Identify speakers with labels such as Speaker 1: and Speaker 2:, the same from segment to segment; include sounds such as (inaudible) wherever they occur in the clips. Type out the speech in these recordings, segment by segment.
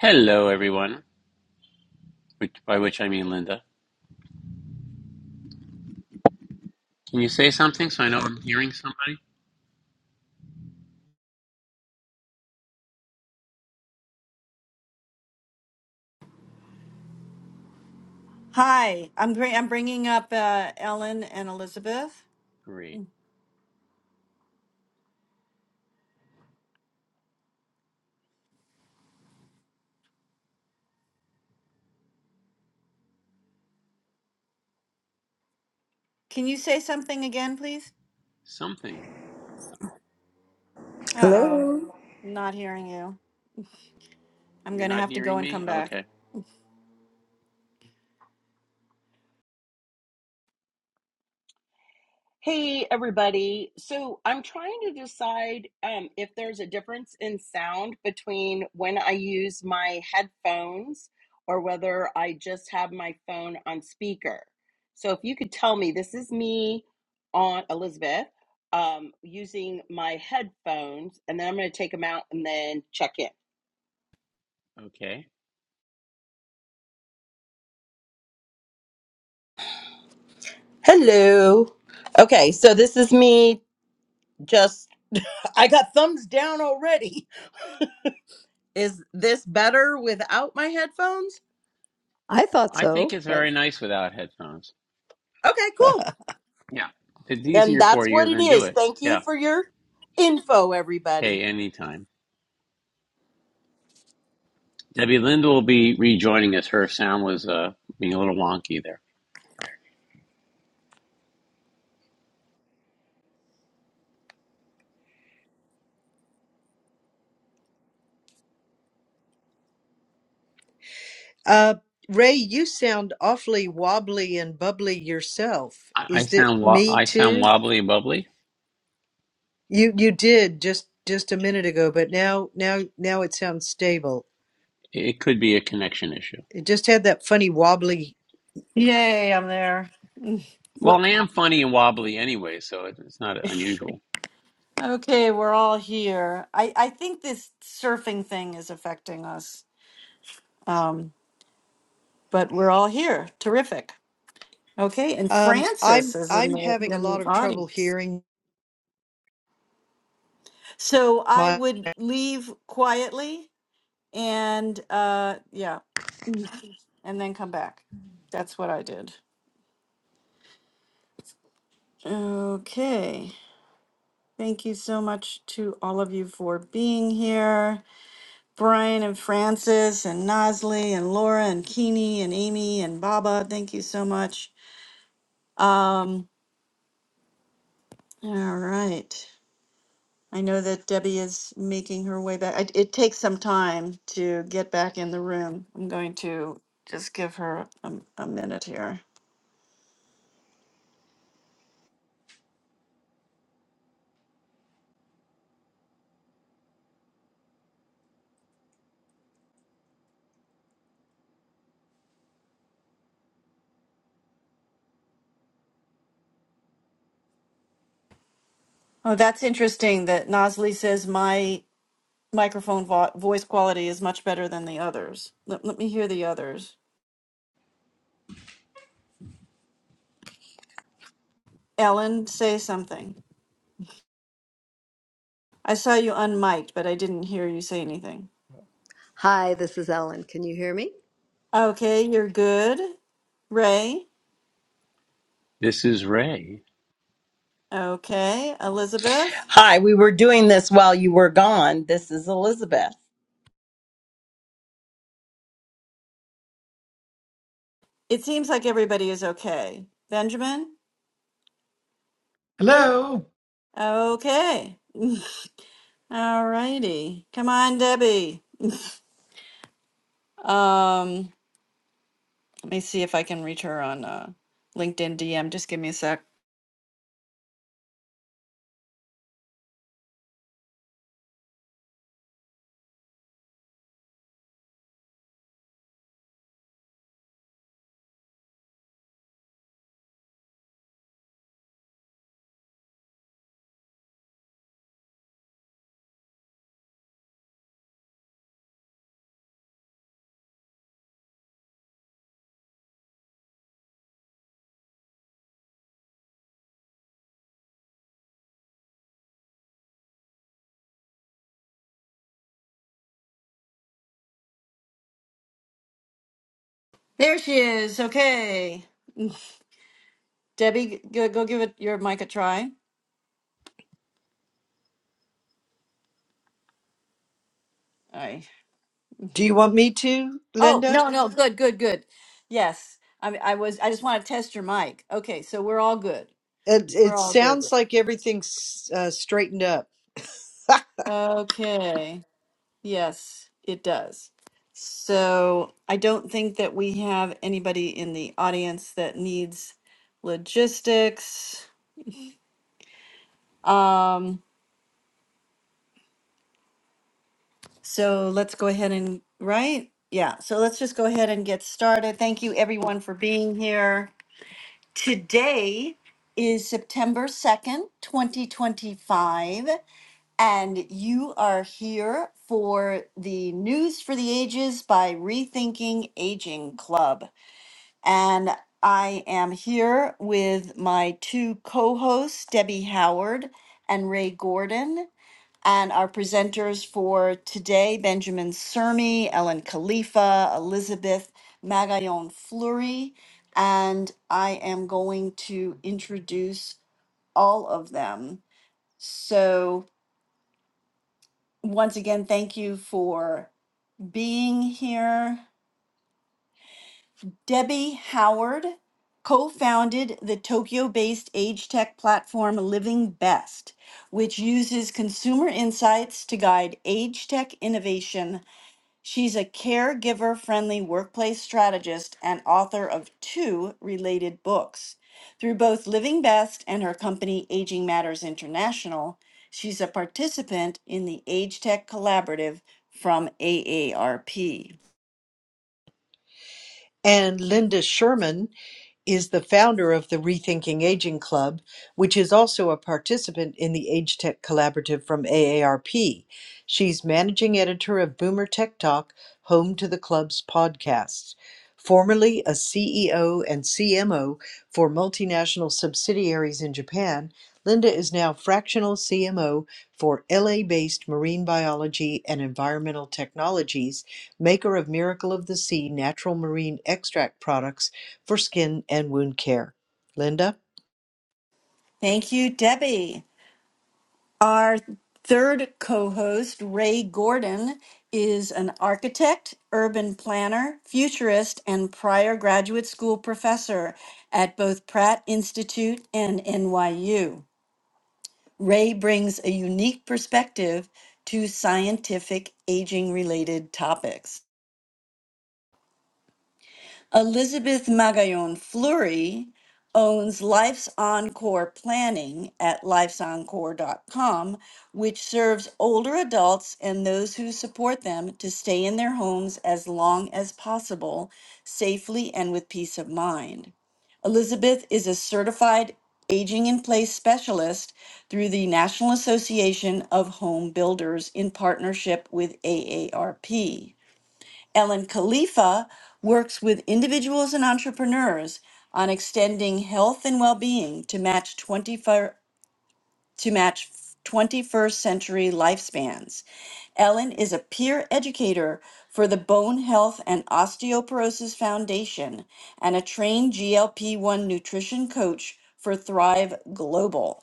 Speaker 1: Hello, everyone, which, by which I mean Linda. Can you say something so I know I'm hearing somebody?
Speaker 2: Hi, I'm great. I'm bringing up uh, Ellen and Elizabeth.
Speaker 1: Great.
Speaker 2: Can you say something again, please?
Speaker 1: Something.
Speaker 2: Uh oh,
Speaker 3: Hello.
Speaker 2: not hearing you. I'm
Speaker 1: You're
Speaker 2: gonna
Speaker 1: not
Speaker 2: have to go
Speaker 1: hearing
Speaker 2: and
Speaker 1: me?
Speaker 2: come back.
Speaker 1: Okay.
Speaker 4: Hey everybody. So I'm trying to decide um, if there's a difference in sound between when I use my headphones or whether I just have my phone on speaker. So if you could tell me, this is me on Elizabeth um, using my headphones, and then I'm going to take them out and then check in.
Speaker 1: Okay.
Speaker 4: Hello. Okay, so this is me just, I got thumbs down already. (laughs) Is this better without my headphones?
Speaker 3: I thought
Speaker 1: I think
Speaker 3: so,
Speaker 1: it's
Speaker 3: but
Speaker 1: very nice without headphones.
Speaker 4: Okay, cool.
Speaker 1: Yeah. If it's
Speaker 4: Then
Speaker 1: easier
Speaker 4: that's
Speaker 1: for
Speaker 4: what
Speaker 1: you,
Speaker 4: it
Speaker 1: then do
Speaker 4: is.
Speaker 1: it.
Speaker 4: Thank you
Speaker 1: Yeah.
Speaker 4: for your info, everybody.
Speaker 1: Hey, anytime. Debbie Linda will be rejoining us. Her sound was uh, being a little wonky there.
Speaker 5: Uh, Ray, you sound awfully wobbly and bubbly yourself.
Speaker 1: I, I
Speaker 5: Is it
Speaker 1: sound wo-
Speaker 5: me
Speaker 1: I sound
Speaker 5: too?
Speaker 1: wobbly and bubbly.
Speaker 5: You you did just just a minute ago, but now now now it sounds stable.
Speaker 1: It could be a connection issue.
Speaker 5: It just had that funny wobbly.
Speaker 2: Yay, I'm there. (laughs) Mm, What?
Speaker 1: Well, I am funny and wobbly anyway, so it- it's not unusual.
Speaker 2: Okay, we're all here. I I think this surfing thing is affecting us, um, but we're all here. Terrific. Okay, and
Speaker 5: Um,
Speaker 2: Francis
Speaker 5: I'm
Speaker 2: is in
Speaker 5: I'm
Speaker 2: the
Speaker 5: having a
Speaker 2: in
Speaker 5: lot
Speaker 2: the
Speaker 5: of trouble
Speaker 2: audience.
Speaker 5: hearing
Speaker 2: So I
Speaker 5: my.
Speaker 2: would leave quietly, and uh, yeah. and then come back. That's what I did. Okay. Thank you so much to all of you for being here. Brian and Francis and Nosley and Laura and Keeney and Amy and Baba, thank you so much. Um, all right. I know that Debbie is making her way back. I, it takes some time to get back in the room. I'm going to just give her a, a minute here. Oh, that's interesting that Nosley says my microphone vo- voice quality is much better than the others. Let, let me hear the others. Ellen, say something. I saw you unmiked, but I didn't hear you say anything.
Speaker 3: hi, this is Ellen. Can you hear me?
Speaker 2: Okay, you're good. Ray,
Speaker 1: This is Ray.
Speaker 2: okay. Elizabeth,
Speaker 4: Hi, we were doing this while you were gone. This is Elizabeth.
Speaker 2: it seems like everybody is okay. Benjamin,
Speaker 6: Hello.
Speaker 2: okay. All righty. Come on, Debbie. Um, let me see if I can reach her on uh, LinkedIn DM. Just give me a sec. There she is. Okay. Debbie, go, go give it your mic a try. I
Speaker 5: Do you want me to,
Speaker 2: oh
Speaker 5: Linda?
Speaker 2: no no good good good. Yes, I I was I just want to test your mic. Okay, so we're all good.
Speaker 5: It,
Speaker 2: We're
Speaker 5: it
Speaker 2: all good.
Speaker 5: sounds like everything's uh, straightened up.
Speaker 2: Okay. Yes, it does. So I don't think that we have anybody in the audience that needs logistics. Um, so let's go ahead and right. Yeah, so let's just go ahead and get started. Thank you everyone for being here. Today is September 2nd, 2025, and you are here for the News for the Ages by Rethinking Aging Club. And I am here with my two co hosts, Debbie Howard and Ray Gordon. And our presenters for today, Benjamin Sermi, Ellen Khalifa, Elizabeth Magallon Fleury, and I am going to introduce all of them. So, once again, thank you for being here. Debbie Howard co founded the Tokyo based age tech platform Living Best, which uses consumer insights to guide age tech innovation She's a caregiver friendly workplace strategist and author of two related books. Through both Living Best and her company Aging Matters International, she's a participant in the Age Tech Collaborative from AARP.
Speaker 5: And Linda Sherman is the founder of the Rethinking Aging Club, which is also a participant in the Age Tech Collaborative from AARP. She's managing editor of Boomer Tech Talk, home to the club's podcasts. Formerly a CEO and CMO for multinational subsidiaries in Japan, Linda is now fractional CMO for LA based marine biology and environmental technologies, maker of Miracle of the Sea natural marine extract products for skin and wound care. Linda,
Speaker 2: Thank you, Debbie. Our third co host, Ray Gordon, is an architect, urban planner, futurist, and prior graduate school professor at both Pratt Institute and NYU. Ray brings a unique perspective to scientific aging related topics. Elizabeth Magallon Fleury owns Life's Encore Planning at lifesencore.com, which serves older adults and those who support them to stay in their homes as long as possible, safely and with peace of mind. Elizabeth is a certified aging in place specialist through the National Association of Home Builders in partnership with AARP. Ellen Khalifa works with individuals and entrepreneurs on extending health and well-being to match 24 to match 21st century lifespans. Ellen is a peer educator for the Bone Health and Osteoporosis Foundation and a trained GLP-1 nutrition coach for Thrive Global.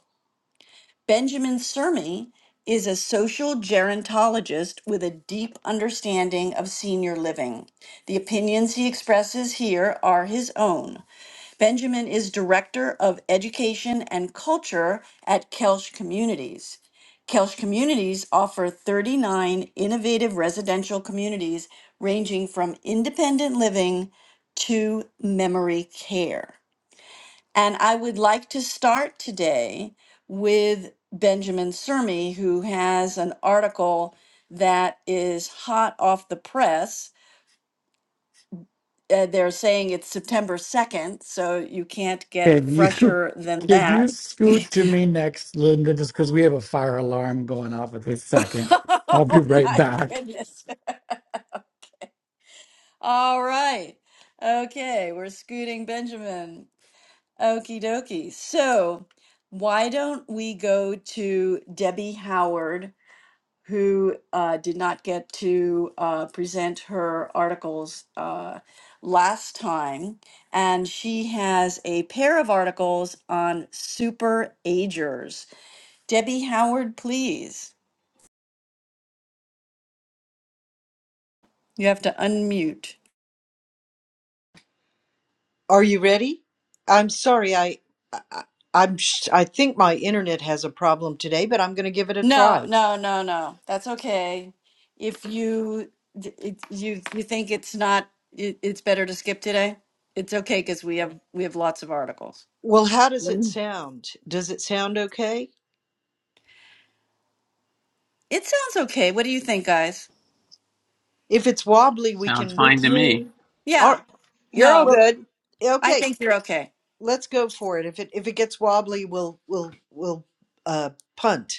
Speaker 2: Benjamin Sermi is a social gerontologist with a deep understanding of senior living. The opinions he expresses here are his own. Benjamin is Director of Education and Culture at Kelsch Communities. Kelsch Communities offer 39 innovative residential communities ranging from independent living to memory care. And I would like to start today with Benjamin Sermi, who has an article that is hot off the press. Uh, they're saying it's September 2nd, so you can't get
Speaker 6: Can you (laughs)
Speaker 2: fresher than
Speaker 6: can
Speaker 2: that.
Speaker 6: you
Speaker 2: (laughs)
Speaker 6: scoot to me next, Linda? Just because we have a fire alarm going off at this second. I'll be
Speaker 2: oh
Speaker 6: right
Speaker 2: my
Speaker 6: back.
Speaker 2: goodness. All right. Okay, we're scooting Benjamin. Okie dokie. So, why don't we go to Debbie Howard? who uh, did not get to uh, present her articles uh, last time. And she has a pair of articles on super agers. Debbie Howard, please. You have to unmute.
Speaker 5: are you ready? I'm sorry, I, I I'm sh- I think my internet has a problem today, but I'm going to give it a
Speaker 2: No,
Speaker 5: try.
Speaker 2: no, no, no. That's okay. If you d- it, you you think it's not it, it's better to skip today, it's okay because we have we have lots of articles.
Speaker 5: Well, how does it
Speaker 2: Mm.
Speaker 5: sound? Does it sound okay?
Speaker 2: It sounds okay. What do you think, guys?
Speaker 5: If it's wobbly, we
Speaker 1: Sounds
Speaker 5: can.
Speaker 3: Good
Speaker 1: fine
Speaker 3: to
Speaker 1: to
Speaker 3: me.
Speaker 1: me.
Speaker 5: All,
Speaker 2: Yeah.
Speaker 5: right,
Speaker 4: You're all
Speaker 2: No.
Speaker 5: well,
Speaker 4: good.
Speaker 2: I
Speaker 5: okay,
Speaker 2: think you're okay.
Speaker 5: let's go for it. If it if it gets wobbly, we'll we'll we'll uh, punt.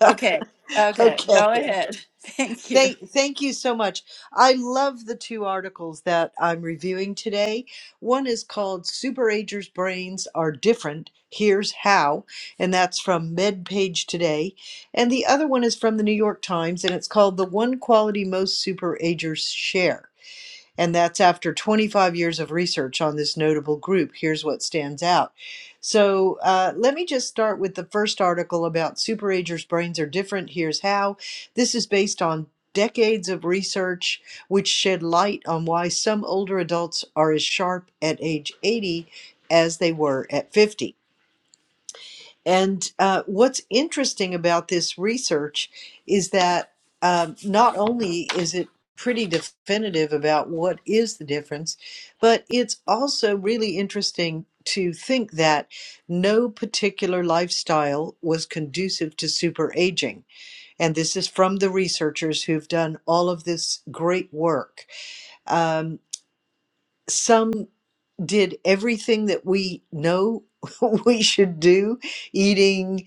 Speaker 5: (laughs)
Speaker 2: Okay. Okay. Go
Speaker 5: okay.
Speaker 2: ahead. (laughs) Thank you.
Speaker 5: Thank, thank you so much. I love the two articles that I'm reviewing today. One is called Superagers' Brains Are Different. Here's How, and that's from MedPage Today. And the other one is from the New York Times, and it's called The One Quality Most Superagers Share. And that's after 25 years of research on this notable group. Here's what stands out. So uh, let me just start with the first article about superagers' brains are different. Here's how. This is based on decades of research which shed light on why some older adults are as sharp at age 80 as they were at 50. And uh, what's interesting about this research is that um, not only is it pretty definitive about what is the difference, but it's also really interesting to think that no particular lifestyle was conducive to super aging. And this is from the researchers who've done all of this great work. Um, some did everything that we know (laughs) we should do eating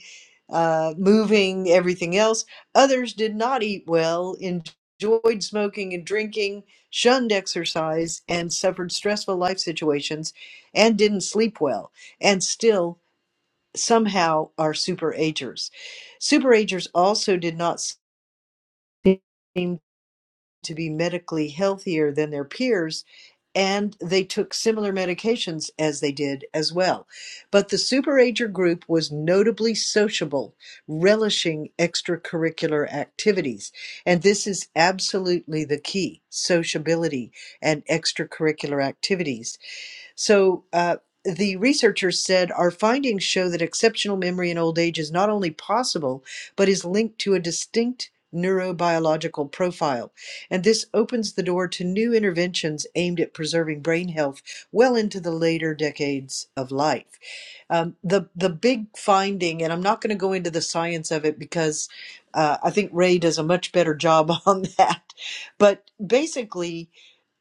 Speaker 5: uh, moving everything else others did not eat well enjoyed smoking and drinking shunned exercise and suffered stressful life situations and didn't sleep well and still somehow are superagers superagers also did not seem to be medically healthier than their peers and they took similar medications as they did as well. But the superager group was notably sociable, relishing extracurricular activities. And this is absolutely the key sociability and extracurricular activities. So uh, the researchers said our findings show that exceptional memory in old age is not only possible, but is linked to a distinct neurobiological profile. And this opens the door to new interventions aimed at preserving brain health well into the later decades of life. Um, the, the big finding, and I'm not going to go into the science of it because uh, I think Ray does a much better job (laughs) on that, but basically,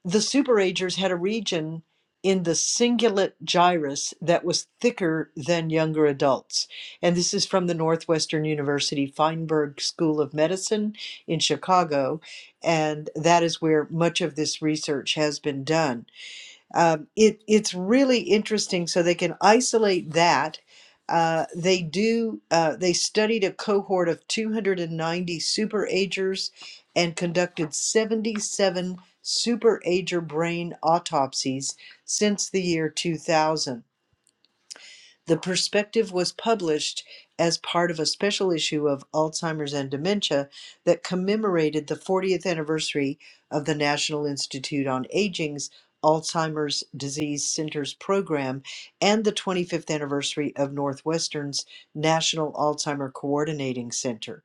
Speaker 5: the Superagers had a region in the cingulate gyrus that was thicker than younger adults. And this is from the Northwestern University Feinberg School of Medicine in Chicago. And that is where much of this research has been done. Um, it, it's really interesting. So they can isolate that. Uh, they do. Uh, they studied a cohort of 290 superagers and conducted 77 superager brain autopsies since the year 2000 the perspective was published as part of a special issue of Alzheimer's and Dementia that commemorated the 40th anniversary of the National Institute on Aging's Alzheimer's Disease Centers program and the 25th anniversary of Northwestern's National Alzheimer Coordinating Center.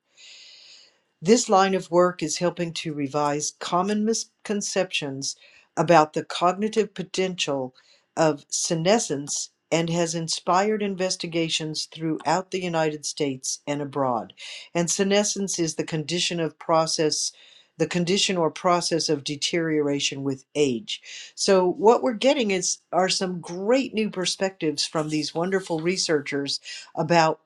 Speaker 5: This line of work is helping to revise common misconceptions about the cognitive potential of senescence and has inspired investigations throughout the United States and abroad. And senescence is the condition of process the condition or process of deterioration with age. So what we're getting is are some great new perspectives from these wonderful researchers about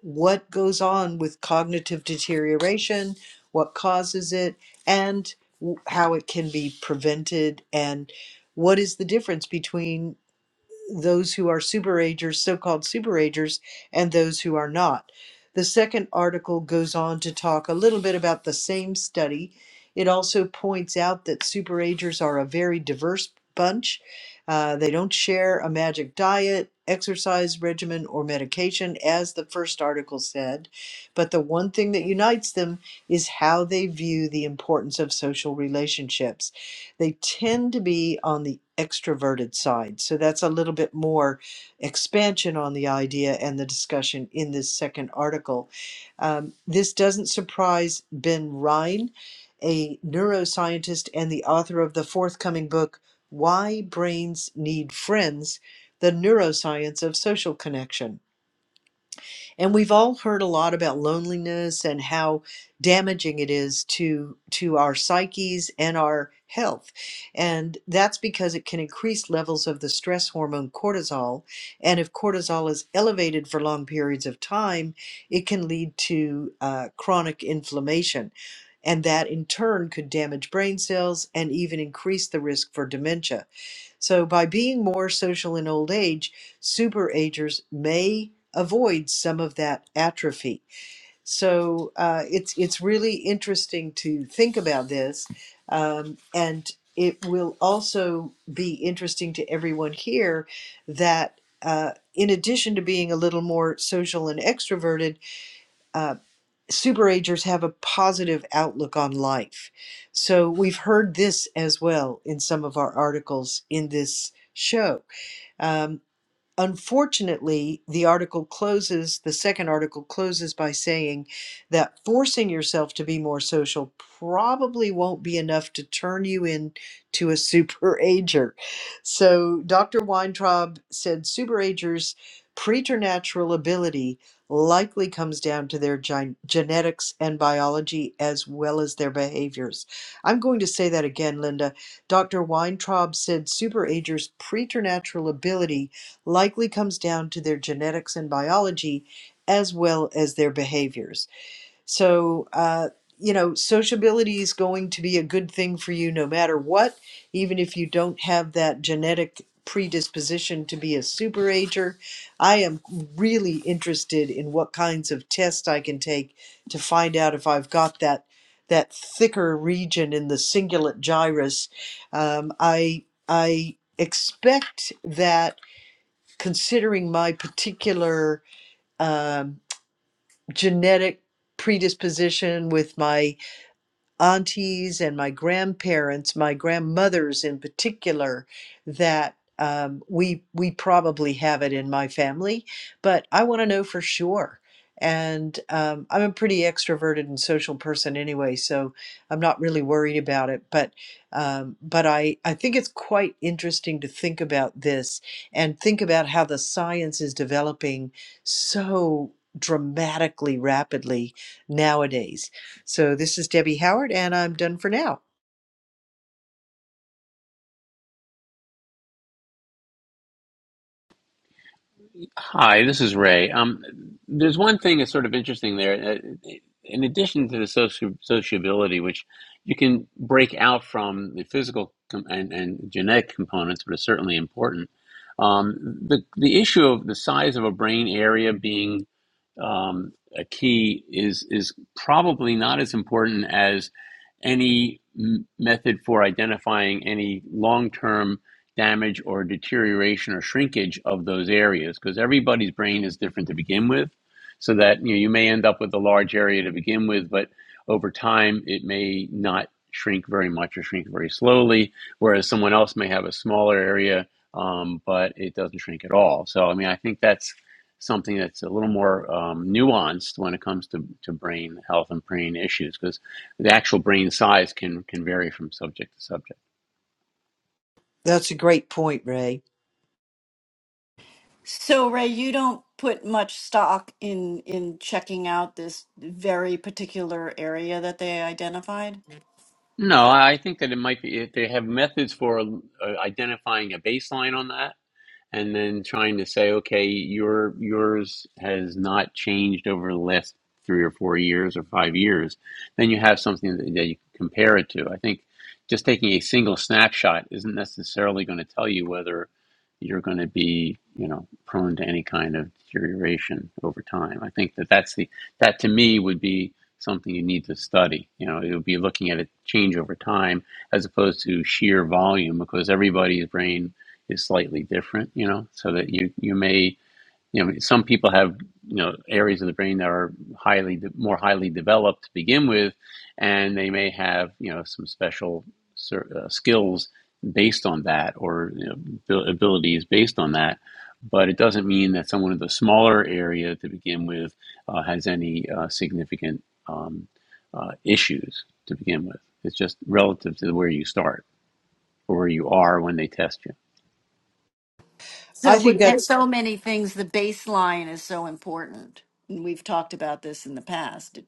Speaker 5: what goes on with cognitive deterioration, what causes it, and w- how it can be prevented, and what is the difference between those who are superagers, so-called superagers, and those who are not. The second article goes on to talk a little bit about the same study. It also points out that superagers are a very diverse bunch. Uh, they don't share a magic diet, exercise regimen, or medication, as the first article said. But the one thing that unites them is how they view the importance of social relationships. They tend to be on the extroverted side. So that's a little bit more expansion on the idea and the discussion in this second article. Um, this doesn't surprise Ben Rhine, a neuroscientist and the author of the forthcoming book, Why Brains Need Friends The Neuroscience of Social Connection. And we've all heard a lot about loneliness and how damaging it is to to our psyches and our health. And that's because it can increase levels of the stress hormone cortisol, and if cortisol is elevated for long periods of time, it can lead to uh, chronic inflammation. And that in turn could damage brain cells and even increase the risk for dementia. So, by being more social in old age, superagers may avoid some of that atrophy. So, uh, it's it's really interesting to think about this, um, and it will also be interesting to everyone here that. Uh, in addition to being a little more social and extroverted, uh, superagers have a positive outlook on life. So we've heard this as well in some of our articles in this show. Um, unfortunately, the article closes, the second article closes by saying that forcing yourself to be more social probably won't be enough to turn you into a superager. (laughs) So Dr. Weintraub said superagers' preternatural ability likely comes down to their gen- genetics and biology as well as their behaviors. I'm going to say that again, Linda. Dr. Weintraub said superagers' preternatural ability likely comes down to their genetics and biology as well as their behaviors. So, uh, you know, sociability is going to be a good thing for you no matter what, even if you don't have that genetic predisposition to be a superager. I am really interested in what kinds of tests I can take to find out if I've got that that thicker region in the cingulate gyrus. Um, I I expect that considering my particular um, genetic predisposition with my aunties and my grandparents, my grandmothers in particular, that um, we we probably have it in my family, but I want to know for sure. And um, I'm a pretty extroverted and social person anyway, so I'm not really worried about it. But um, but I I think it's quite interesting to think about this and think about how the science is developing so dramatically rapidly nowadays so this is Debbie Howard, and I'm done for now.
Speaker 1: Hi, this is Ray. Um, there's one thing that's sort of interesting there. Uh, In addition to the soci- sociability, which you can break out from the physical com- and, and genetic components, but it's certainly important. Um, the the issue of the size of a brain area being um, a key is is probably not as important as any m- method for identifying any long-term damage or deterioration or shrinkage of those areas because everybody's brain is different to begin with so that you know you may end up with a large area to begin with but over time it may not shrink very much or shrink very slowly whereas someone else may have a smaller area um, but it doesn't shrink at all so i mean i think that's something that's a little more um, nuanced when it comes to, to brain health and brain issues because the actual brain size can, can vary from subject to subject.
Speaker 5: That's a great point, Ray.
Speaker 2: So Ray, you don't put much stock in in checking out this very particular area that they identified.
Speaker 1: No, I think that it might be, if they have methods for uh, identifying a baseline on that, and then trying to say, okay, your yours has not changed over the last three or four years or five years, then you have something that, that you can compare it to. I think just taking a single snapshot isn't necessarily going to tell you whether you're going to be, you know, prone to any kind of deterioration over time. I think that that's the that to me would be something you need to study. You know, it would be looking at a change over time as opposed to sheer volume because everybody's brain is slightly different, you know, so that you you may you know some people have you know areas of the brain that are highly de- more highly developed to begin with, and they may have you know some special uh, skills based on that or you know, abilities based on that. But it doesn't mean that someone in the smaller area to begin with uh, has any uh, significant um, uh, issues to begin with. It's just relative to where you start or where you are when they test you.
Speaker 2: So
Speaker 5: I
Speaker 2: with
Speaker 5: think
Speaker 2: Yes.
Speaker 5: that's
Speaker 2: so many things, the baseline is so important. And we've talked about this in the past.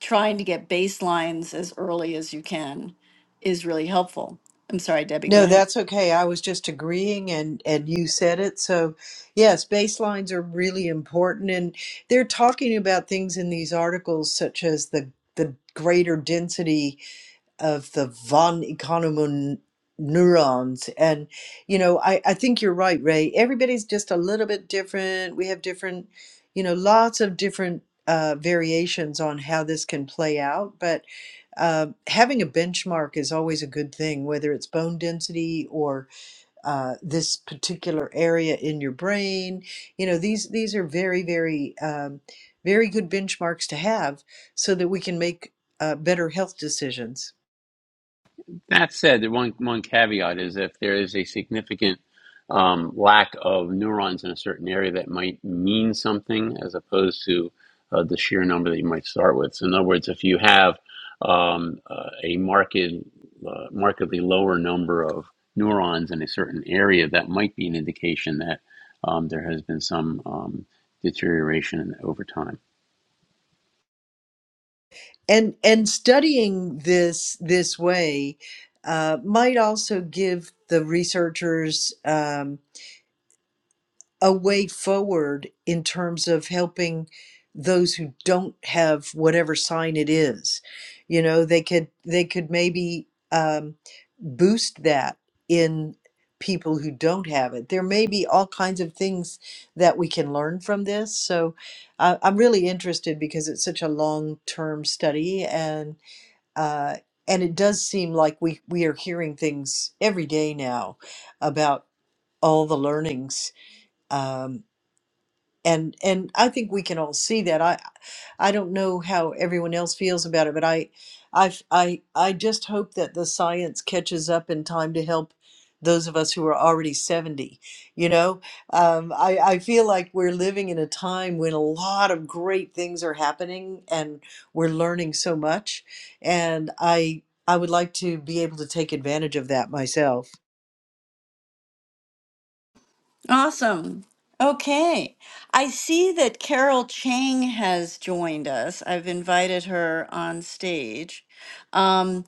Speaker 2: Trying to get baselines as early as you can is really helpful. I'm sorry, Debbie, go
Speaker 5: no,
Speaker 2: ahead.
Speaker 5: that's okay. I was just agreeing, and and you said it. So yes, baselines are really important, and they're talking about things in these articles such as the the greater density of the von Economou neurons. And, you know, I, I think you're right, Ray. Everybody's just a little bit different. We have different, you know, lots of different uh, variations on how this can play out. But uh, having a benchmark is always a good thing, whether it's bone density or uh, this particular area in your brain. You know, these these are very, very, um, very good benchmarks to have so that we can make uh, better health decisions.
Speaker 1: That said, the one one caveat is if there is a significant um, lack of neurons in a certain area, that might mean something as opposed to uh, the sheer number that you might start with. So, in other words, if you have um, uh, a marked, uh, markedly lower number of neurons in a certain area, that might be an indication that um, there has been some um, deterioration over time.
Speaker 5: and and studying this this way uh, might also give the researchers um, a way forward in terms of helping those who don't have whatever sign it is you know they could they could maybe um, boost that in people who don't have it there may be all kinds of things that we can learn from this so uh, i'm really interested because it's such a long term study and uh, and it does seem like we we are hearing things every day now about all the learnings. Um, and and I think we can all see that. I I don't know how everyone else feels about it, but I I I I just hope that the science catches up in time to help those of us who are already 70 you know um, I, I feel like we're living in a time when a lot of great things are happening and we're learning so much and i i would like to be able to take advantage of that myself
Speaker 2: Awesome. Okay. I see that Carol Chang has joined us. I've invited her on stage. Um,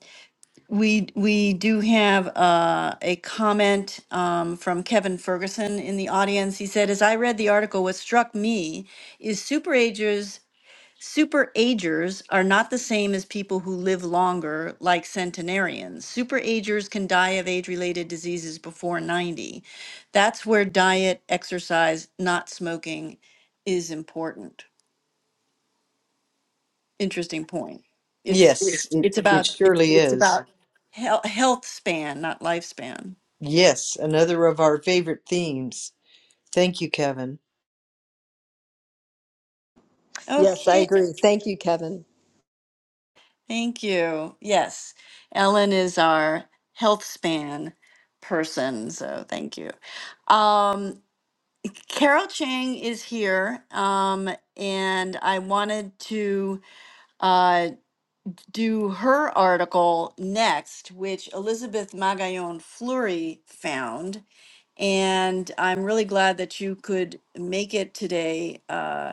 Speaker 2: we we do have uh, a comment um, from Kevin Ferguson in the audience. He said, "As I read the article, what struck me is superagers Super agers are not the same as people who live longer, like centenarians. Super agers can die of age related diseases before 90. That's where diet, exercise, not smoking is important. Interesting point. It's
Speaker 5: yes it,
Speaker 2: it's
Speaker 5: it
Speaker 2: about
Speaker 5: surely
Speaker 2: it's
Speaker 5: is
Speaker 2: about health, health span, not lifespan.
Speaker 5: yes another of our favorite themes Thank you, Kevin.
Speaker 3: Yes, I
Speaker 2: Okay.
Speaker 3: agree. Thank you, Kevin.
Speaker 2: Thank you. Yes. Ellen is our health span person, so thank you. Um, Carol Chang is here, um, and I wanted to uh, do her article next, which Elizabeth Magallon Fleury found. And I'm really glad that you could make it today, uh,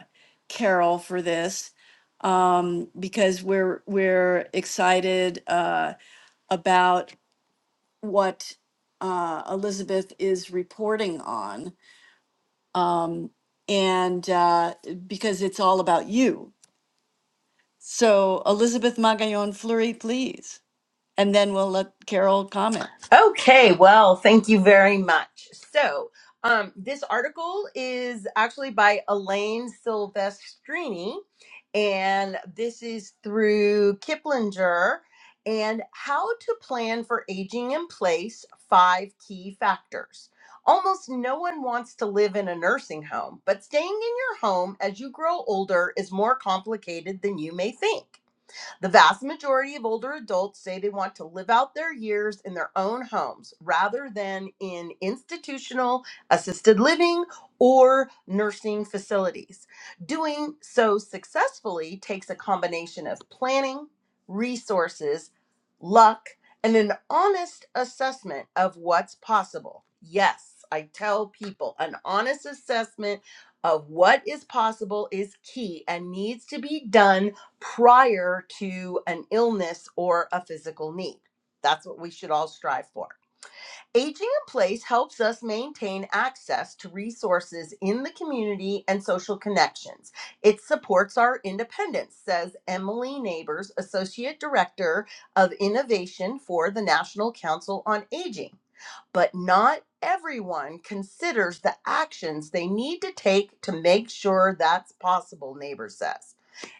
Speaker 2: Carol, for this um, because we're we're excited uh, about what uh, Elizabeth is reporting on. and uh, because it's all about you. So, Elizabeth Magallon Fleury, please. And then we'll let Carol comment.
Speaker 4: Okay, well, thank you very much. So, um, this article is actually by Elaine Silvestrini, and this is through Kiplinger and How to Plan for Aging in Place Five Key Factors. Almost no one wants to live in a nursing home, but staying in your home as you grow older is more complicated than you may think. The vast majority of older adults say they want to live out their years in their own homes rather than in institutional assisted living or nursing facilities. Doing so successfully takes a combination of planning, resources, luck, and an honest assessment of what's possible. Yes, I tell people an honest assessment of what is possible is key and needs to be done prior to an illness or a physical need. That's what we should all strive for. Aging in place helps us maintain access to resources in the community and social connections. It supports our independence, says Emily Neighbors, Associate Director of Innovation for the National Council on Aging but not everyone considers the actions they need to take to make sure that's possible, neighbor says.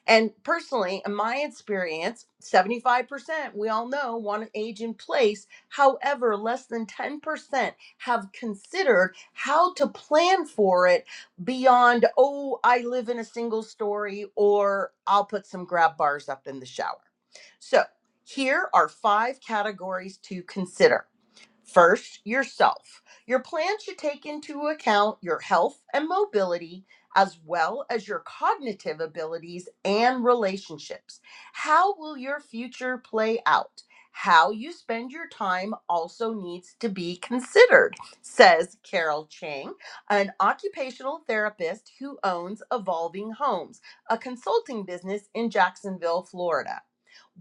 Speaker 4: And personally, in my experience, 75%, we all know, want an age in place. However, less than 10% have considered how to plan for it beyond, oh, I live in a single story, or I'll put some grab bars up in the shower. So, here are five categories to consider. First, yourself. Your plan should take into account your health and mobility, as well as your cognitive abilities and relationships. How will your future play out? How you spend your time also needs to be considered, says Carol Chang, an occupational therapist who owns Evolving Homes, a consulting business in Jacksonville, Florida.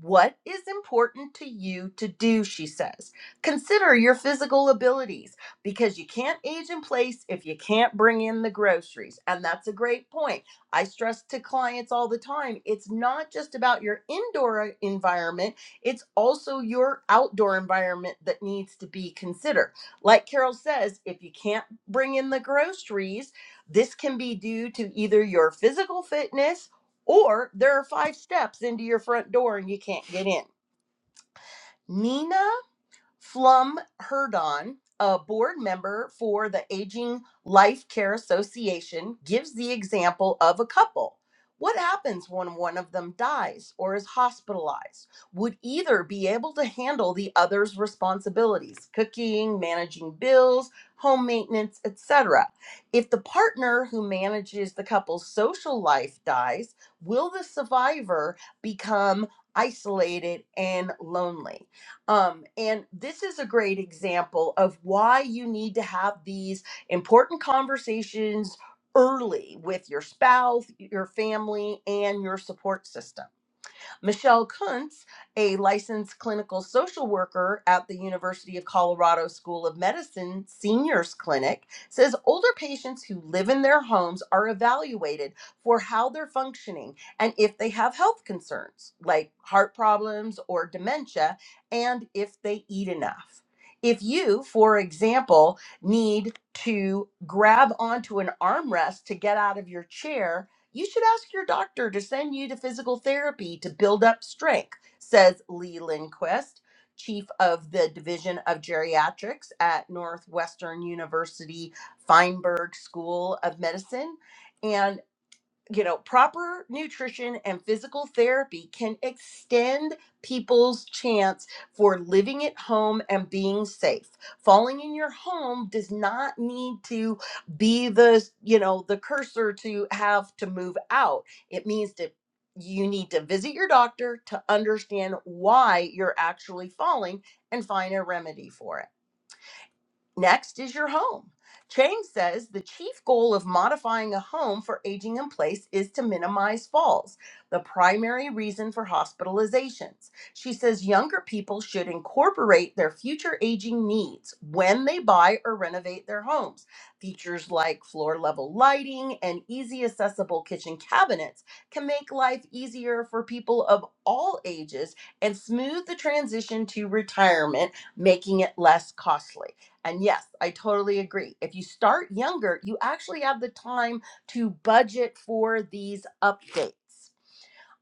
Speaker 4: What is important to you to do, she says. Consider your physical abilities because you can't age in place if you can't bring in the groceries. And that's a great point. I stress to clients all the time it's not just about your indoor uh, environment, it's also your outdoor environment that needs to be considered. Like Carol says, if you can't bring in the groceries, this can be due to either your physical fitness or there are five steps into your front door and you can't get in. Nina Flum Herdon, a board member for the Aging Life Care Association, gives the example of a couple. What happens when one of them dies or is hospitalized? Would either be able to handle the other's responsibilities, cooking, managing bills, home maintenance, etc.? If the partner who manages the couple's social life dies, will the survivor become isolated and lonely? Um, and this is a great example of why you need to have these important conversations early with your spouse, your family, and your support system Michelle Kuntz, a licensed clinical social worker at the University of Colorado School of Medicine Seniors Clinic, says older patients who live in their homes are evaluated for how they're functioning and if they have health concerns like heart problems or dementia and if they eat enough. If you, for example, need to grab onto an armrest to get out of your chair you should ask your doctor to send you to physical therapy to build up strength, says Lee Lindquist, chief of the Division of Geriatrics at Northwestern University Feinberg School of Medicine. and you know, proper nutrition and physical therapy can extend people's chance for living at home and being safe. Falling in your home does not need to be the, you know, the cursor to have to move out. It means that you need to visit your doctor to understand why you're actually falling and find a remedy for it. Next is your home. Chang says the chief goal of modifying a home for aging in place is to minimize falls, the primary reason for hospitalizations. She says younger people should incorporate their future aging needs when they buy or renovate their homes. Features like floor level lighting and easy accessible kitchen cabinets can make life easier for people of all ages and smooth the transition to retirement, making it less costly. And yes, I totally agree. If you start younger, you actually have the time to budget for these updates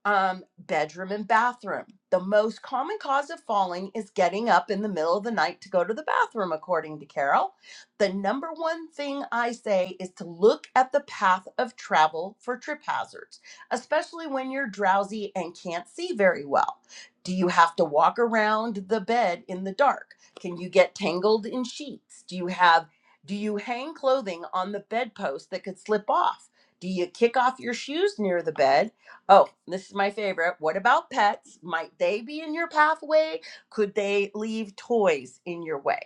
Speaker 4: um, bedroom and bathroom. The most common cause of falling is getting up in the middle of the night to go to the bathroom, according to Carol. The number one thing I say is to look at the path of travel for trip hazards, especially when you're drowsy and can't see very well. Do you have to walk around the bed in the dark? Can you get tangled in sheets? Do you have do you hang clothing on the bedpost that could slip off? Do you kick off your shoes near the bed? Oh, this is my favorite. What about pets? Might they be in your pathway? Could they leave toys in your way?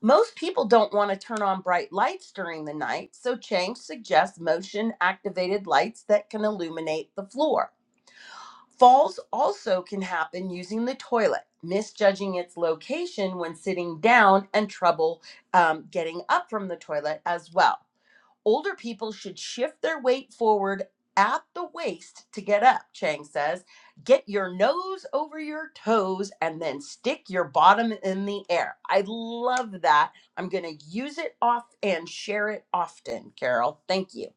Speaker 4: Most people don't want to turn on bright lights during the night, so Chang suggests motion activated lights that can illuminate the floor. Falls also can happen using the toilet, misjudging its location when sitting down, and trouble um, getting up from the toilet as well. Older people should shift their weight forward at the waist to get up, Chang says. Get your nose over your toes and then stick your bottom in the air. I love that. I'm going to use it off and share it often, Carol. Thank you.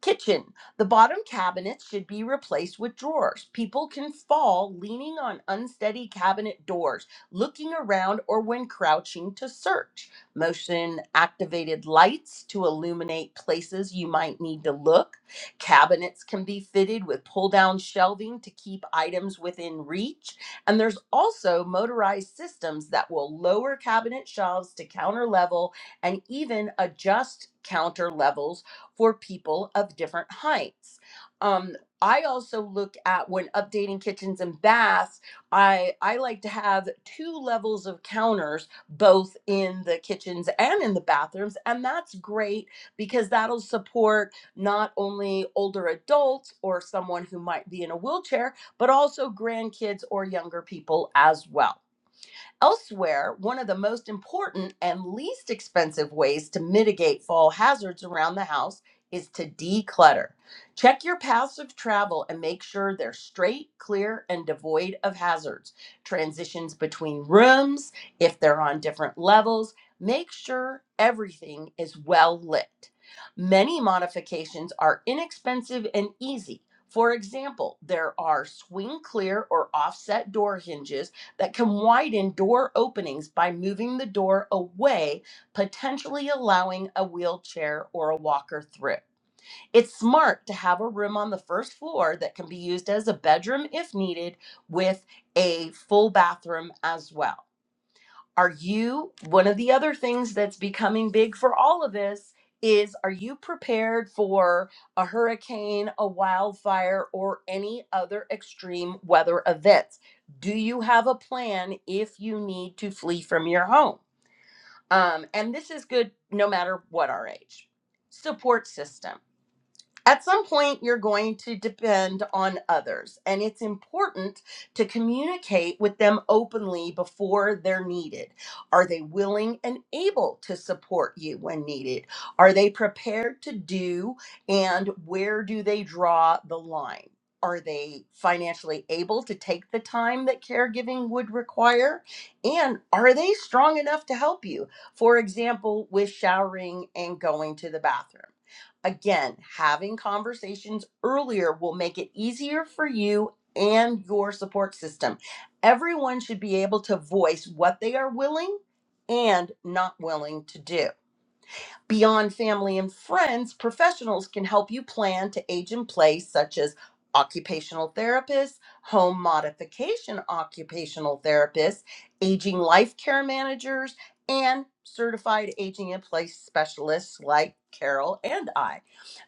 Speaker 4: Kitchen. The bottom cabinets should be replaced with drawers. People can fall leaning on unsteady cabinet doors, looking around, or when crouching to search. Motion activated lights to illuminate places you might need to look. Cabinets can be fitted with pull down shelving to keep items within reach. And there's also motorized systems that will lower cabinet shelves to counter level and even adjust counter levels for people of different heights. Um, I also look at when updating kitchens and baths, I, I like to have two levels of counters, both in the kitchens and in the bathrooms. And that's great because that'll support not only older adults or someone who might be in a wheelchair, but also grandkids or younger people as well. Elsewhere, one of the most important and least expensive ways to mitigate fall hazards around the house is to declutter. Check your paths of travel and make sure they're straight, clear, and devoid of hazards. Transitions between rooms, if they're on different levels, make sure everything is well lit. Many modifications are inexpensive and easy. For example, there are swing clear or offset door hinges that can widen door openings by moving the door away, potentially allowing a wheelchair or a walker through. It's smart to have a room on the first floor that can be used as a bedroom if needed, with a full bathroom as well. Are you, one of the other things that's becoming big for all of us is are you prepared for a hurricane, a wildfire, or any other extreme weather events? Do you have a plan if you need to flee from your home? Um, and this is good no matter what our age. Support system at some point you're going to depend on others and it's important to communicate with them openly before they're needed are they willing and able to support you when needed are they prepared to do and where do they draw the line are they financially able to take the time that caregiving would require? And are they strong enough to help you? For example, with showering and going to the bathroom Again, having conversations earlier will make it easier for you and your support system. Everyone should be able to voice what they are willing and not willing to do. Beyond family and friends, professionals can help you plan to age in place, such as occupational therapists, home modification occupational therapists, aging life care managers, and certified aging in place specialists like Carol and I.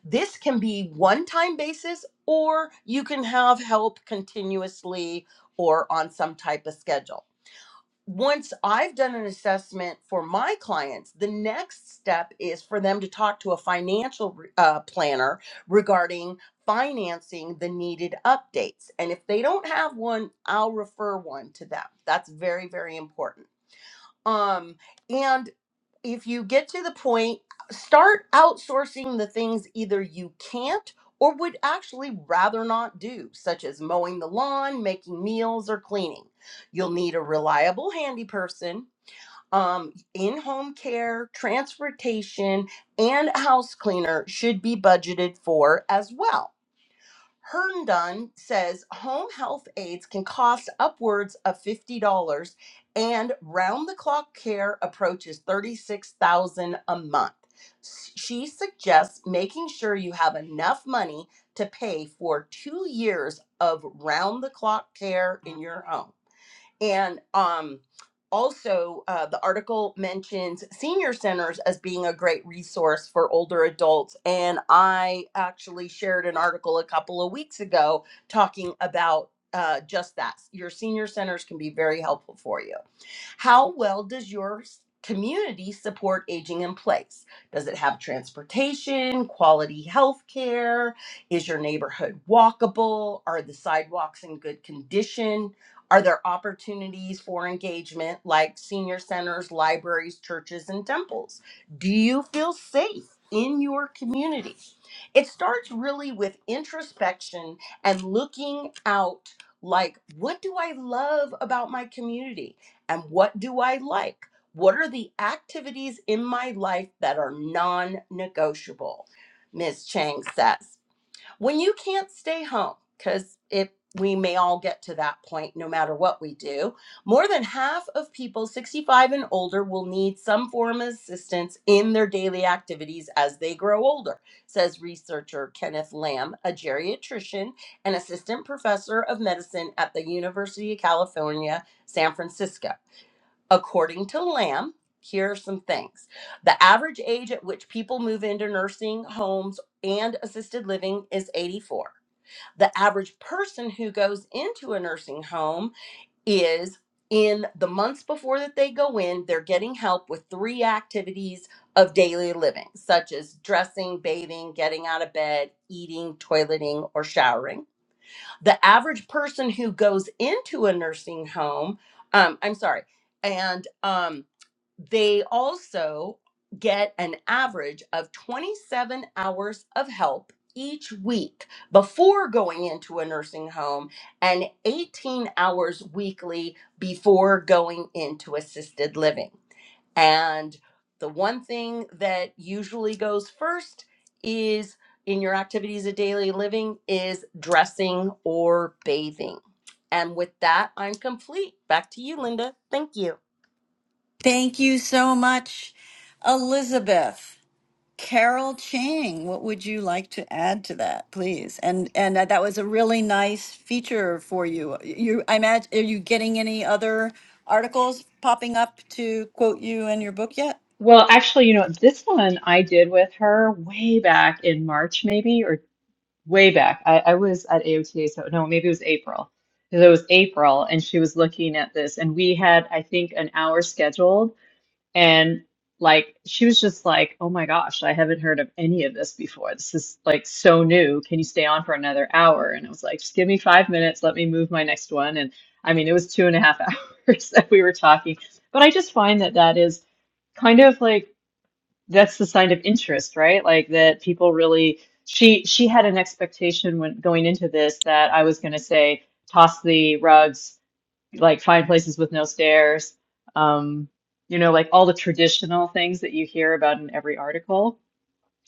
Speaker 4: This can be one time basis, or you can have help continuously or on some type of schedule once I've done an assessment for my clients, the next step is for them to talk to a financial uh, planner regarding financing the needed updates. And if they don't have one, I'll refer one to them. That's very, very important. Um, and if you get to the point, start outsourcing the things either you can't or would actually rather not do, such as mowing the lawn, making meals, or cleaning. You'll need a reliable handy person, um, in home care, transportation, and a house cleaner should be budgeted for as well. Herndon says home health aides can cost upwards of $50 and round the clock care approaches 36,000 a month. She suggests making sure you have enough money to pay for 2 years of round the clock care in your home. And um, also, uh, the article mentions senior centers as being a great resource for older adults. And I actually shared an article a couple of weeks ago talking about uh, just that. Your senior centers can be very helpful for you. How well does your community support aging in place? Does it have transportation, quality health care? Is your neighborhood walkable? Are the sidewalks in good condition? Are there opportunities for engagement like senior centers, libraries, churches, and temples? Do you feel safe in your community? It starts really with introspection and looking out like, what do I love about my community? and what do I like? What are the activities in my life that are non negotiable? Ms. Chang says. When you can't stay home, because it we may all get to that point no matter what we do. More than half of people 65 and older will need some form of assistance in their daily activities as they grow older, says researcher Kenneth Lamb, a geriatrician and assistant professor of medicine at the University of California, San Francisco. According to Lamb, here are some things. The average age at which people move into nursing homes and assisted living is 84. The average person who goes into a nursing home is in the months before that they go in, they're getting help with three activities of daily living, such as dressing, bathing, getting out of bed, eating, toileting, or showering. The average person who goes into a nursing home, um, I'm sorry, and um, they also get an average of 27 hours of help each week before going into a nursing home and 18 hours weekly before going into assisted living. And the one thing that usually goes first is in your activities of daily living is dressing or bathing. And with that, I'm complete. Back to you, Linda. Thank you.
Speaker 2: Thank you so much, Elizabeth. Carol Chang, what would you like to add to that, please? And and that that was a really nice feature for you. You, I imagine, are you getting any other articles popping up to quote you in your book yet?
Speaker 7: Well, actually, you know, this one I did with her way back in March, maybe, or way back. I, I was at AOTA, so no, maybe it was April. Because it was April, and she was looking at this, and we had, I think, an hour scheduled. And like, she was just like, oh my gosh, I haven't heard of any of this before. This is like so new. Can you stay on for another hour? And I was like, just give me five minutes. Let me move my next one. And I mean, it was two and a half (laughs) hours that we were talking. But I just find that that is kind of like, that's the sign of interest, right? Like that people really she she had an expectation when going into this that I was going to say toss the rugs, like find places with no stairs, um, you know, like all the traditional things that you hear about in every article.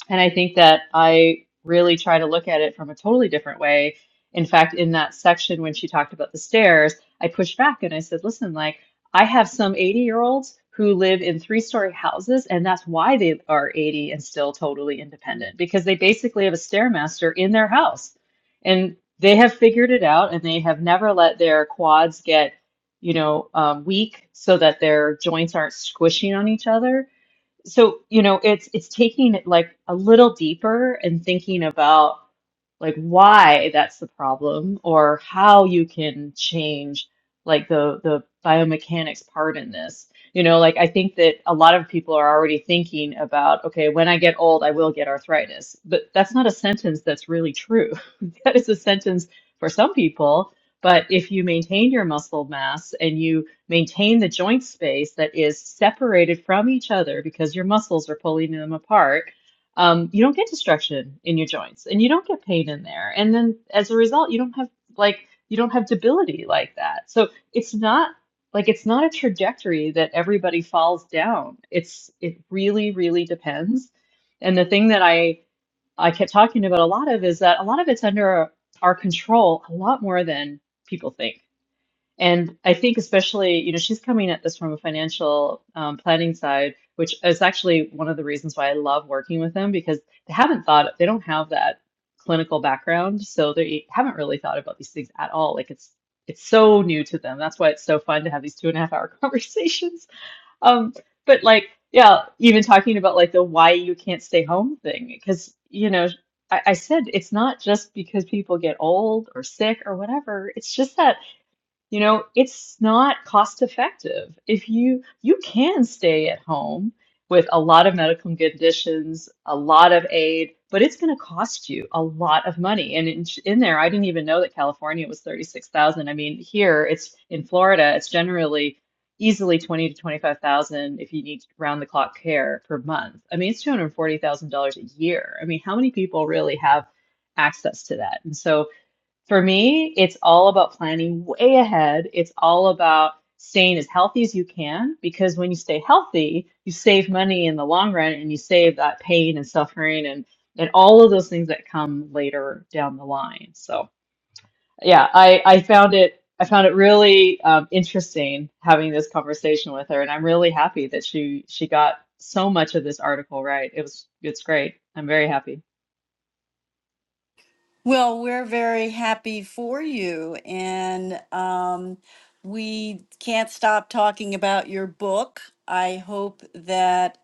Speaker 7: And I think that I really try to look at it from a totally different way. In fact, in that section when she talked about the stairs, I pushed back and I said, listen, like I have some 80 year olds who live in three story houses, and that's why they are 80 and still totally independent because they basically have a stairmaster in their house. And they have figured it out and they have never let their quads get, you know, um, weak so that their joints aren't squishing on each other so you know it's it's taking it like a little deeper and thinking about like why that's the problem or how you can change like the the biomechanics part in this. You know, like I think that a lot of people are already thinking about, okay, when I get old, I will get arthritis. But that's not a sentence that's really true. (laughs) That is a sentence for some people, but if you maintain your muscle mass and you maintain the joint space that is separated from each other because your muscles are pulling them apart, um, you don't get destruction in your joints and you don't get pain in there. And then as a result, you don't have like you don't have debility like that. So it's not like it's not a trajectory that everybody falls down. It's it really, really depends. And the thing that I I kept talking about a lot of is that a lot of it's under our control a lot more than people think. And I think especially, you know, she's coming at this from a financial um, planning side, which is actually one of the reasons why I love working with them because they haven't thought, they don't have that clinical background, so they haven't really thought about these things at all. Like it's it's so new to them. That's why it's so fun to have these two and a half hour (laughs) conversations. Um, but like, yeah, even talking about like the why you can't stay home thing, because you know, I, I said it's not just because people get old or sick or whatever. It's just that. You know, it's not cost effective. If you you can stay at home with a lot of medical conditions, a lot of aid, but it's going to cost you a lot of money. And in, in there, I didn't even know that California was 36,000. I mean, here it's in Florida, it's generally easily 20 to 25,000 if you need round the clock care per month. I mean, it's $240,000 a year. I mean, how many people really have access to that? And so for me, it's all about planning way ahead. It's all about staying as healthy as you can because when you stay healthy, you save money in the long run and you save that pain and suffering and and all of those things that come later down the line. So, yeah, I I found it I found it really um, interesting having this conversation with her, and I'm really happy that she she got so much of this article right. It was it's great. I'm very happy.
Speaker 2: Well, we're very happy for you, and um, we can't stop talking about your book. I hope that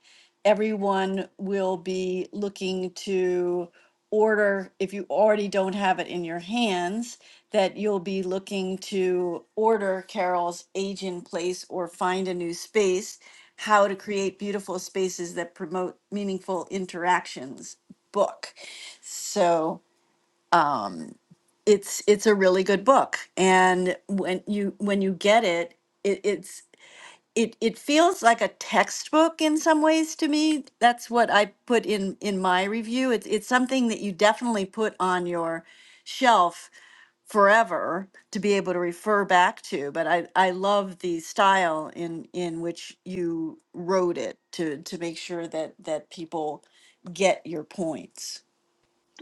Speaker 2: everyone will be looking to order, if you already don't have it in your hands, that you'll be looking to order Carol's Age in Place or Find a New Space How to Create Beautiful Spaces That Promote Meaningful Interactions book. So, um, it's it's a really good book and when you when you get it, it it's it, it feels like a textbook in some ways to me that's what i put in in my review it's, it's something that you definitely put on your shelf forever to be able to refer back to but i i love the style in in which you wrote it to to make sure that that people get your points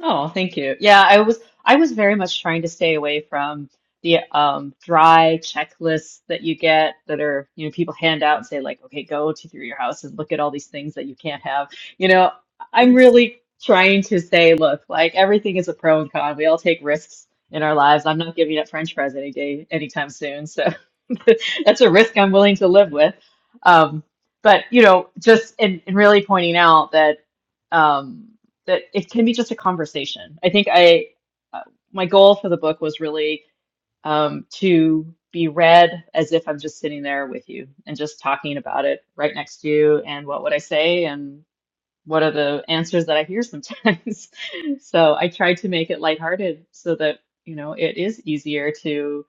Speaker 7: Oh, thank you. Yeah, I was I was very much trying to stay away from the um dry checklists that you get that are, you know, people hand out and say like, okay, go to through your house and look at all these things that you can't have. You know, I'm really trying to say, look, like everything is a pro and con. We all take risks in our lives. I'm not giving up French fries any day anytime soon. So (laughs) that's a risk I'm willing to live with. Um, but you know, just and, and really pointing out that um that it can be just a conversation. I think I uh, my goal for the book was really um, to be read as if I'm just sitting there with you and just talking about it right next to you and what would I say and what are the answers that I hear sometimes. (laughs) so I tried to make it lighthearted so that you know it is easier to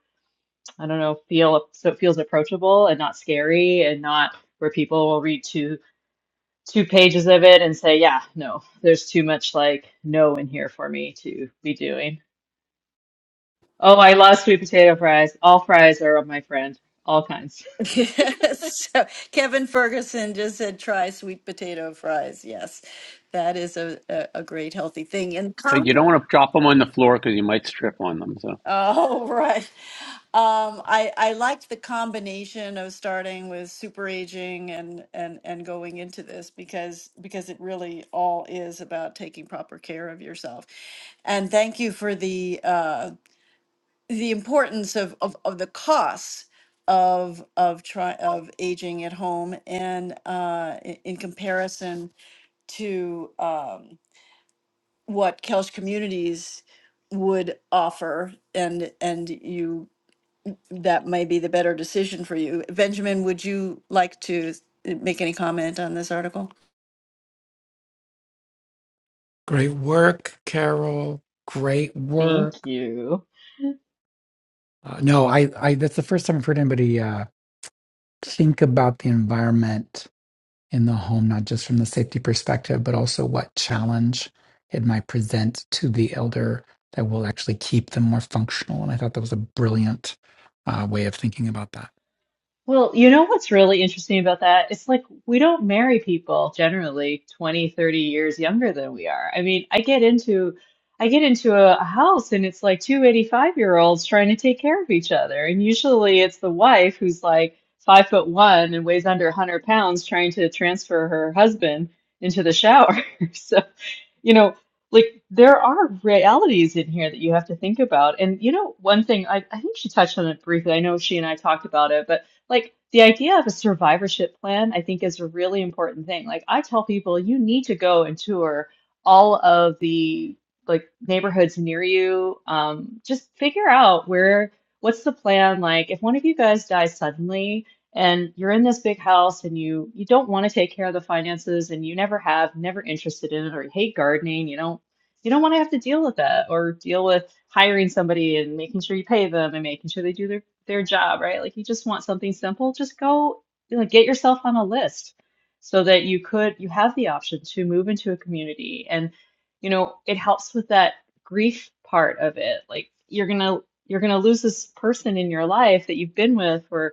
Speaker 7: I don't know feel so it feels approachable and not scary and not where people will read to two pages of it and say, yeah, no, there's too much like no in here for me to be doing. Oh, I love sweet potato fries. All fries are of my friend, all kinds.
Speaker 2: (laughs) Yes. So Kevin Ferguson just said try sweet potato fries. Yes, that is a, a, a great healthy thing. And
Speaker 1: But you
Speaker 2: com-
Speaker 1: don't want to drop them on the floor because you might strip on them. So.
Speaker 2: oh (laughs) right, um, I I liked the combination of starting with super aging and and and going into this because because it really all is about taking proper care of yourself. And thank you for the. uh, the importance of, of, of the costs of of try of aging at home and uh, i- in comparison to um, what Kelch communities would offer and and you that may be the better decision for you. Benjamin, would you like to s- make any comment on this article?
Speaker 6: Great work, Carol. Great
Speaker 7: (laughs) Thank
Speaker 6: work.
Speaker 7: you.
Speaker 6: Uh, no, I, I. That's the first time I've heard anybody uh, think about the environment in the home, not just from the safety perspective, but also what challenge it might present to the elder that will actually keep them more functional. And I thought that was a brilliant uh, way of thinking about that.
Speaker 7: Well, you know what's really interesting about that? It's like we don't marry people generally 20, 30 years younger than we are. I mean, I get into I get into a, a house and it's like two eighty-five 85-year-olds trying to take care of each other. And usually it's the wife who's like five foot one and weighs under 100 pounds trying to transfer her husband into the shower. (laughs) So, you know, like there are realities in here that you have to think about. And you know, one thing I, I think she touched on it briefly. I know she and I talked about it, but like the idea of a survivorship plan, I think is a really important thing. Like I tell people, you need to go and tour all of the like neighborhoods near you. Um, just figure out where, what's the plan? Like if one of you guys dies suddenly and you're in this big house and you you don't want to take care of the finances and you never have, never interested in it, or you hate gardening, you don't you don't want to have to deal with that or deal with hiring somebody and making sure you pay them and making sure they do their their job, right? Like you just want something simple, just go like get yourself on a list so that you could you have the option to move into a community and you know, it helps with that grief part of it. Like you're going to you're going to lose this person in your life that you've been with for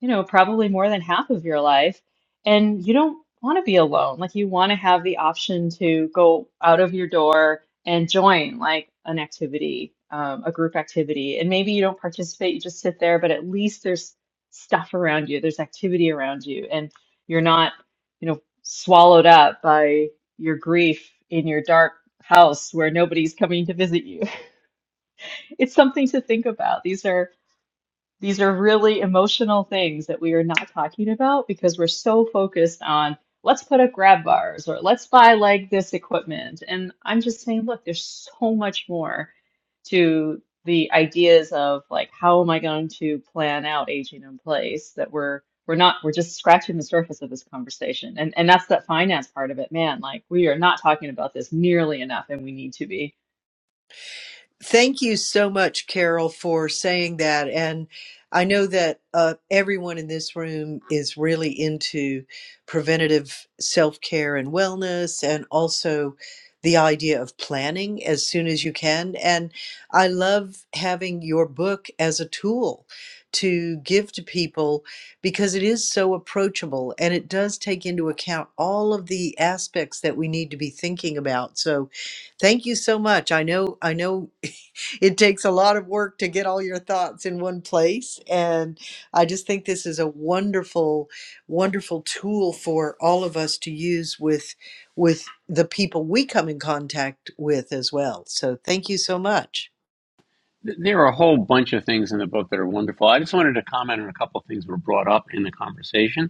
Speaker 7: you know, probably more than half of your life. And you don't want to be alone. Like you want to have the option to go out of your door and join like an activity, um, a group activity. And maybe you don't participate, you just sit there, but at least there's stuff around you, there's activity around you, and you're not, you know, swallowed up by your grief in your dark house where nobody's coming to visit you. (laughs) It's something to think about. These are these are really emotional things that we are not talking about because we're so focused on let's put up grab bars or let's buy like this equipment. And I'm just saying, look, there's so much more to the ideas of like how am I going to plan out aging in place that we're we're not we're just scratching the surface of this conversation. And and that's that finance part of it, man. Like we are not talking about this nearly enough and we need to be.
Speaker 5: Thank you so much, Carol, for saying that. And I know that uh, everyone in this room is really into preventative self care and wellness, and also the idea of planning as soon as you can. And I love having your book as a tool to give to people because it is so approachable and it does take into account all of the aspects that we need to be thinking about. So, thank you so much i know i know it takes a lot of work to get all your thoughts in one place. And I just think this is a wonderful, wonderful tool for all of us to use with with the people we come in contact with as well. So thank you so much.
Speaker 1: There are a whole bunch of things in the book that are wonderful. I just wanted to comment on a couple of things that were brought up in the conversation.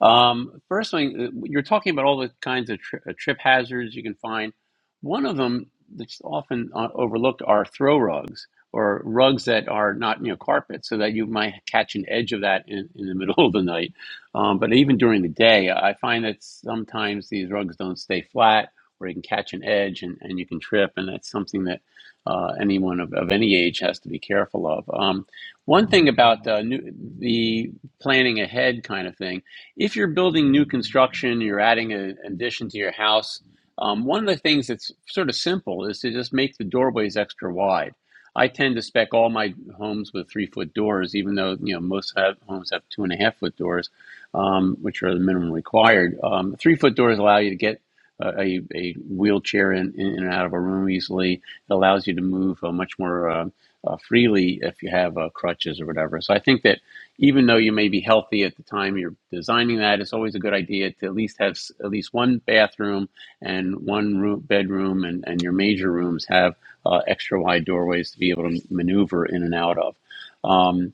Speaker 1: Um, first thing, uh, you're talking about all the kinds of tri- uh, trip hazards you can find. One of them that's often uh, overlooked are throw rugs or rugs that are not you know carpet, so that you might catch an edge of that in, in the middle (laughs) of the night. Um, but even during the day, I find that sometimes these rugs don't stay flat, or you can catch an edge and, and you can trip, and that's something that uh, anyone of, of any age has to be careful of. Um, one thing about uh, new, the planning ahead kind of thing if you're building new construction, you're adding an addition to your house, um, one of the things that's sort of simple is to just make the doorways extra wide. I tend to spec all my homes with three foot doors, even though you know most have, homes have two and a half foot doors, um, which are the minimum required. Um, three foot doors allow you to get uh, a, a wheelchair in, in and out of a room easily. It allows you to move uh, much more uh, uh, freely if you have uh, crutches or whatever. So I think that even though you may be healthy at the time you're designing that, it's always a good idea to at least have at least one bathroom and one room, bedroom, and, and your major rooms have uh, extra wide doorways to be able to maneuver in and out of. Um,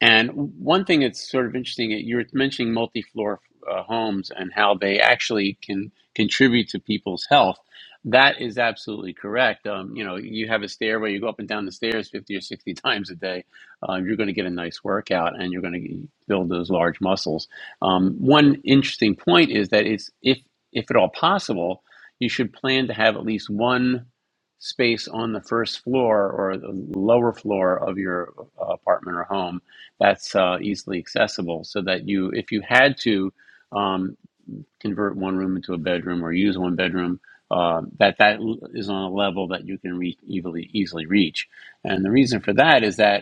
Speaker 1: and one thing that's sort of interesting, uh, you were mentioning multi-floor uh, homes and how they actually can contribute to people's health. That is absolutely correct. Um, you know, you have a stairway, you go up and down the stairs 50 or 60 (laughs) times a day. Uh, you're going to get a nice workout and you're going to build those large muscles. Um, one interesting point is that it's, if, if at all possible, you should plan to have at least one space on the first floor or the lower floor of your uh, apartment or home that's uh, easily accessible so that you if you had to um, convert one room into a bedroom or use one bedroom uh, that that is on a level that you can reach easily easily reach and the reason for that is that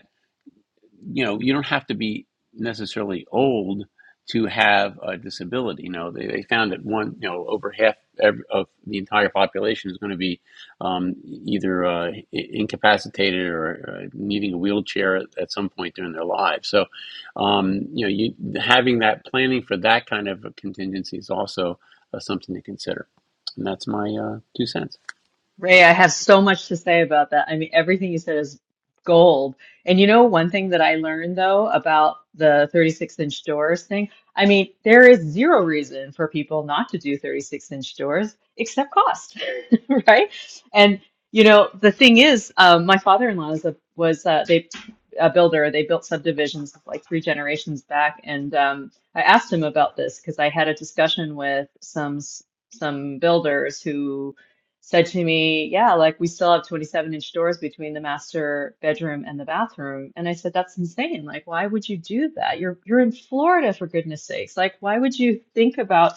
Speaker 1: you know, you don't have to be necessarily old to have a disability. You know, they, they found that one, you know, over half ev- of the entire population is going to be um, either uh, incapacitated or uh, needing a wheelchair at, at some point during their lives. So, um, you know, you having that planning for that kind of a contingency is also uh, something to consider. And that's my uh, two cents.
Speaker 7: Ray, I have so much to say about that. I mean, everything you said is gold. And you know, one thing that I learned though about the 36 inch doors thing, I mean, there is zero reason for people not to do 36 inch doors except cost, (laughs) right? And you know, the thing is, um, my father-in-law is a, was uh, they a builder. They built subdivisions like three generations back, and um, I asked him about this because I had a discussion with some some builders said to me, Yeah, like we still have 27 inch doors between the master bedroom and the bathroom. And I said, That's insane. Like, why would you do that? You're you're in Florida for goodness sakes. Like, why would you think about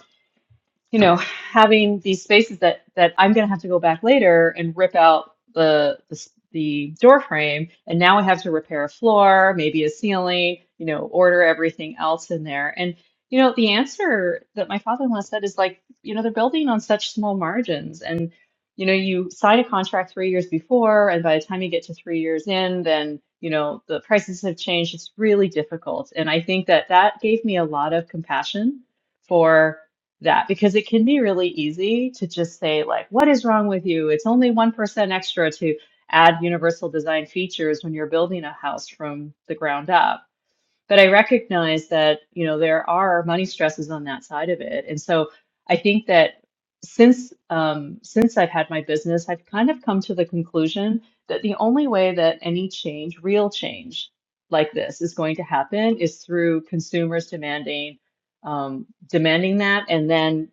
Speaker 7: you know, having these spaces that that I'm going to have to go back later and rip out the the, s- the door frame, and now I have to repair a floor, maybe a ceiling, you know, order everything else in there. And you know, the answer that my father-in-law said is like, you know, they're building on such small margins, and you know, you sign a contract three years before, and by the time you get to three years in, then you know the prices have changed. It's really difficult, and I think that that gave me a lot of compassion for that because it can be really easy to just say like what is wrong with you it's only 1% extra to add universal design features when you're building a house from the ground up but I recognize that, you know, there are money stresses on that side of it. And so I think that since um, since I've had my business, I've kind of come to the conclusion that the only way that any change, real change like this is going to happen is through consumers demanding um, demanding that and then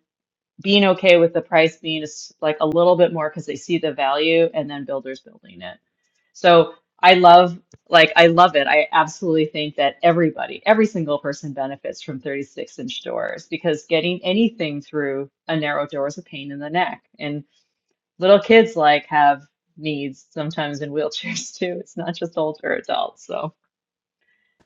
Speaker 7: being okay with the price being a s- like a little bit more because they see the value and then builders building it. So I love, like, I love it. I absolutely think that everybody, every single person benefits from 36 inch doors because getting anything through a narrow door is a pain in the neck. And little kids, like, have needs sometimes in wheelchairs (laughs) too. It's not just older adults. So,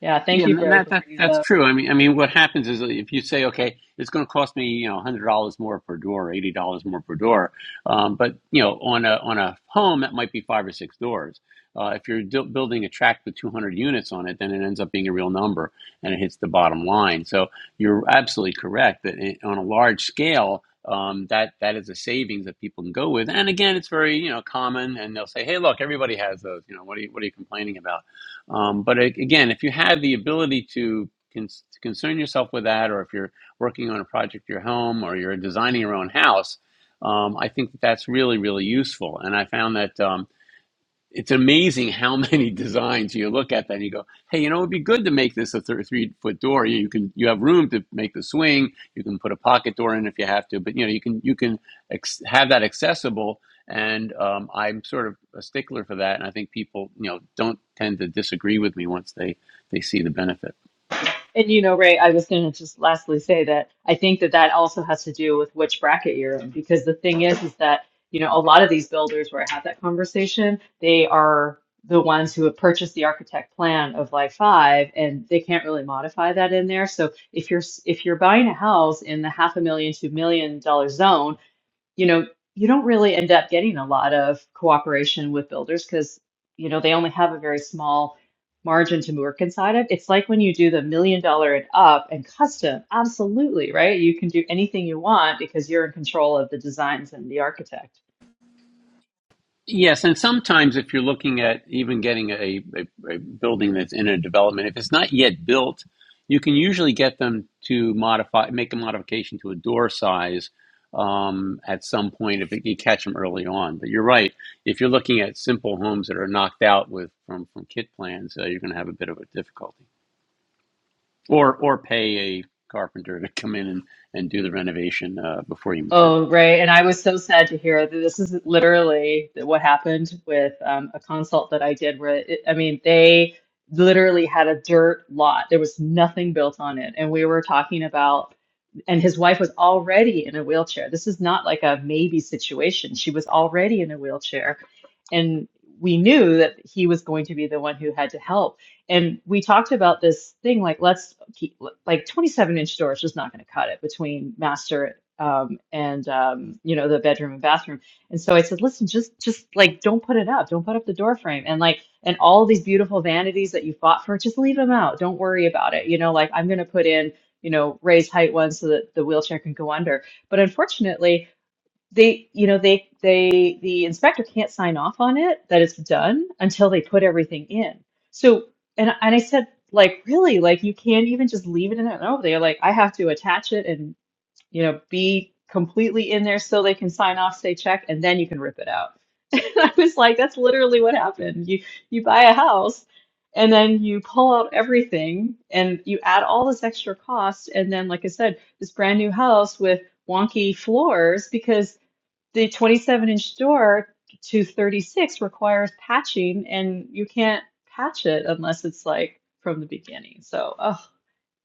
Speaker 7: yeah,
Speaker 1: Yeah,
Speaker 7: thank you,
Speaker 1: and
Speaker 7: Ray,
Speaker 1: that,
Speaker 7: for
Speaker 1: that
Speaker 7: bringing that
Speaker 1: that's
Speaker 7: up.
Speaker 1: true. I mean, I mean, what happens is uh, if you say, okay, it's going to cost me, you know, hundred dollars more per door, or eighty dollars more per door, um, but you know, on a on a home that might be five or six doors. Uh, if you're d- building a tract with 200 units on it, then it ends up being a real number, and it hits the bottom line. So you're absolutely correct that i on a large scale, um, that that is a savings that people can go with. And again, it's very you know common, and they'll say, hey, look, everybody has those. You know, what are you what are you complaining about? Um, but a- again, if you have the ability to, con- to concern yourself with that, or if you're working on a project at your home, or you're designing your own house, um, I think that that's really, really useful. And I found that. Um, it's amazing how many (laughs) designs you look at that and you go, hey, you know, it'd be good to make this a thir- three foot door. You you can you have room to make the swing. You can put a pocket door in if you have to, but you know you can you can ex- have that accessible. And um, I'm sort of a stickler for that, and I think people you know don't tend to disagree with me once they they see the benefit.
Speaker 7: And you know, Ray, I was going to just lastly say that I think that that also has to do with which bracket you're in, because the thing is, is that, you know, a lot of these builders where I had that conversation, they are the ones who have purchased the architect plan of like five, and they can't really modify that in there. So if you're s- if you're buying a house in the half a million to million dollar zone, you know, you don't really end up getting a lot of cooperation with builders because, you know, they only have a very small margin to work inside of. It's like when you do the million dollar and up and custom, absolutely, right? You can do anything you want because you're in control of the designs and the architect.
Speaker 1: Yes, and sometimes if you're looking at even getting a, a, a building that's in a development, if it's not yet built, you can usually get them to modify, make a modification to a door size um, at some point if it, you catch them early on. But you're right, if you're looking at simple homes that are knocked out with from from kit plans, uh, you're going to have a bit of a difficulty, or or pay a carpenter to come in and, and do the renovation uh, before you move in.
Speaker 7: Oh, right. And I was so sad to hear that this is literally what happened with um, a consult that I did where it, I mean, they literally had a dirt lot. There was nothing built on it. And we were talking about and his wife was already in a wheelchair. This is not like a maybe situation. She was already in a wheelchair. And we knew that he was going to be the one who had to help. And we talked about this thing like, let's keep, like 27 inch doors just not going to cut it between master um, and, um, you know, the bedroom and bathroom. And so I said, listen, just, just like, don't put it up. Don't put up the door frame. And like, and all these beautiful vanities that you fought for, just leave them out. Don't worry about it. You know, like, I'm going to put in you know, raise height one so that the wheelchair can go under. But unfortunately, they, you know, they, they, the inspector can't sign off on it that it's done until they put everything in. So, and and I said, like, really, like you can't even just leave it in there. No, they're like, I have to attach it and you know, be completely in there so they can sign off, say check, and then you can rip it out. (laughs) And I was like, that's literally what happened. You you buy a house and then you pull out everything and you add all this extra cost. And then, like I said, this brand new house with wonky floors because the 27 inch door to 36 requires patching and you can't patch it unless it's like from the beginning. So, oh.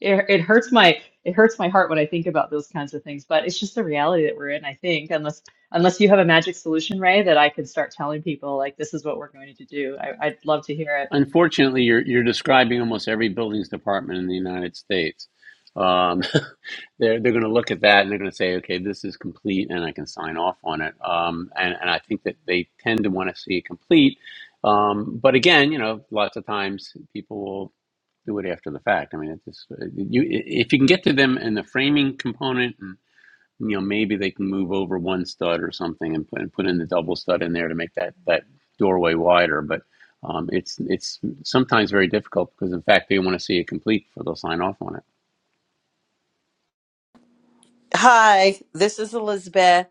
Speaker 7: It, it hurts my it hurts my heart when I think about those kinds of things, but it's just the reality that we're in, I think, unless unless you have a magic solution, Ray, that I can start telling people like this is what we're going to do. I, I'd love to hear it.
Speaker 1: Unfortunately, you're you're describing almost every buildings department in the United States. Um, (laughs) they're they're going to look at that and they're going to say, okay, this is complete, and I can sign off on it. Um, and and I think that they tend to want to see it complete. Um, but again, you know, lots of times people will do it after the fact. I mean, it's just, uh, you if you can get to them in the framing component you know maybe they can move over one stud or something and put and put in the double stud in there to make that that doorway wider. But um, it's it's sometimes very difficult because in fact they want to see it complete before they'll sign off on it.
Speaker 4: Hi, this is Elizabeth.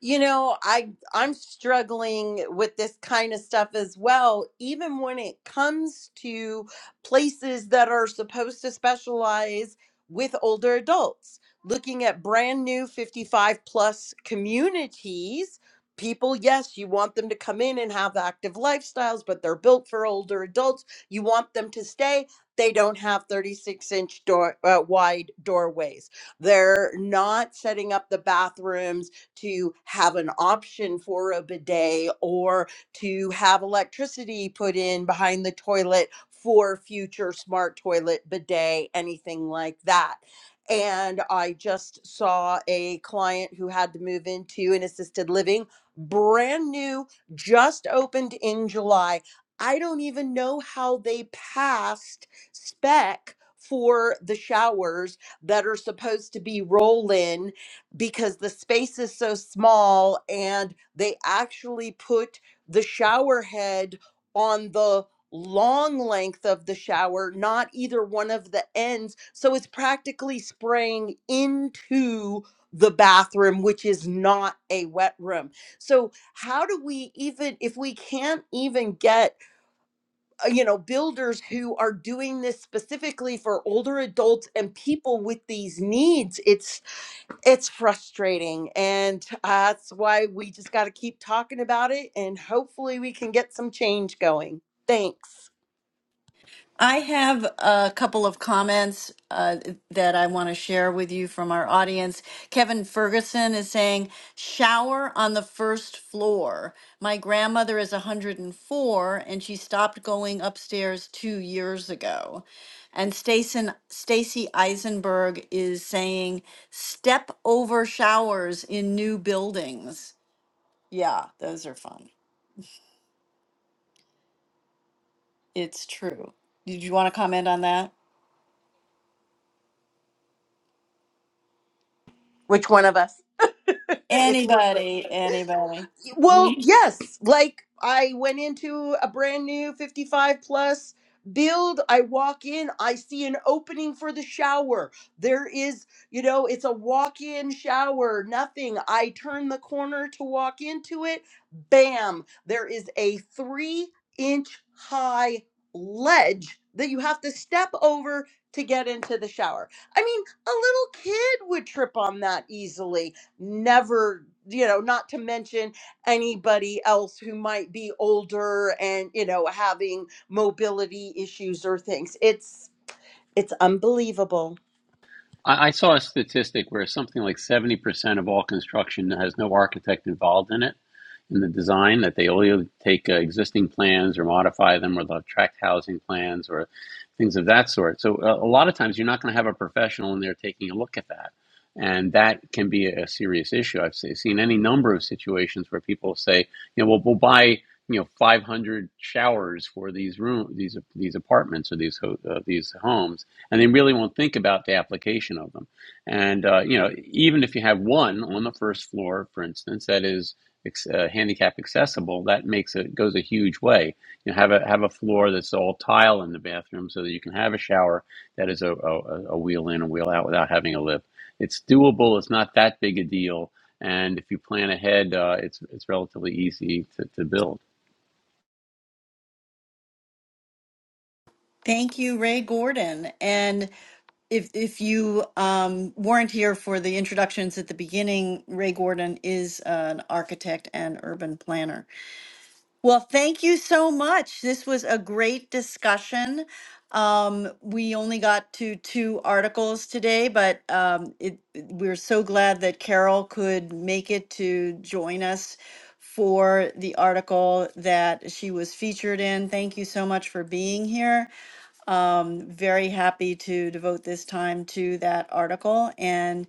Speaker 4: You know, I I'm struggling with this kind of stuff as well, even when it comes to places that are supposed to specialize with older adults. Looking at brand new 55 plus communities, people, yes, you want them to come in and have active lifestyles, but they're built for older adults. You want them to stay. They don't have 36 inch door uh, wide doorways they're not setting up the bathrooms to have an option for a bidet or to have electricity put in behind the toilet for future smart toilet bidet, anything like that. And I just saw a client who had to move into an assisted living, brand new, just opened in July. I don't even know how they passed spec for the showers that are supposed to be roll-in because the space is so small and they actually put the shower head on the long length of the shower, not either one of the ends. So it's practically spraying into the bathroom, which is not a wet room. So, how do we even, if we can't even get uh, you know builders who are doing this specifically for older adults and people with these needs it's it's frustrating and uh, that's why we just got to keep talking about it and hopefully we can get some change going thanks
Speaker 2: I have a couple of comments uh, that I want to share with you from our audience. Kevin Ferguson is saying, shower on the first floor. My grandmother is 104 and four and she stopped going upstairs two years ago. And Stacen- Stacy Eisenberg is saying, step over showers in new buildings. Yeah, those are fun. It's true. Did you want to comment on that?
Speaker 4: which one of us (laughs) it's elizabeth
Speaker 2: Anybody, anybody.
Speaker 4: Well,
Speaker 2: Mhm.
Speaker 4: yes. Like I went into a brand new 55 plus build. I walk in, I see an opening for the shower. There is, you know, it's a walk in shower, nothing. I turn the corner to walk into it. Bam. There is a three inch high ledge that you have to step over to get into the shower. I mean, a little kid would trip on that easily. Never, you know, not to mention anybody else who might be older and you know having mobility issues or things it's it's unbelievable
Speaker 1: I, I saw a statistic where something like seventy percent of all construction has no architect involved in it in the design that they only take uh, existing plans or modify them or they'll tract housing plans or things of that sort. So uh, a lot of times you're not going to have a professional in there taking a look at that. And that can be a serious issue. I've seen any number of situations where people say, you know, we'll, we'll buy, you know, 500 showers for these room, these these apartments or these uh, these homes, and they really won't think about the application of them. And uh, you know, even if you have one on the first floor, for instance, that is uh, handicap accessible, that makes it goes a huge way. You know, have a have a floor that's all tile in the bathroom, so that you can have a shower that is a, a, a wheel in and wheel out without having a lift. It's doable. It's not that big a deal, and if you plan ahead, uh, it's it's relatively easy to, to build.
Speaker 2: Thank you, Ray Gordon. And if if you um, weren't here for the introductions at the beginning, Ray Gordon is an architect and urban planner. Well, thank you so much. This was a great discussion. Um, we only got to two articles today, but um, it, we're so glad that Carol could make it to join us for the article that she was featured in. Thank you so much for being here. I'm very happy to devote this time to that article. And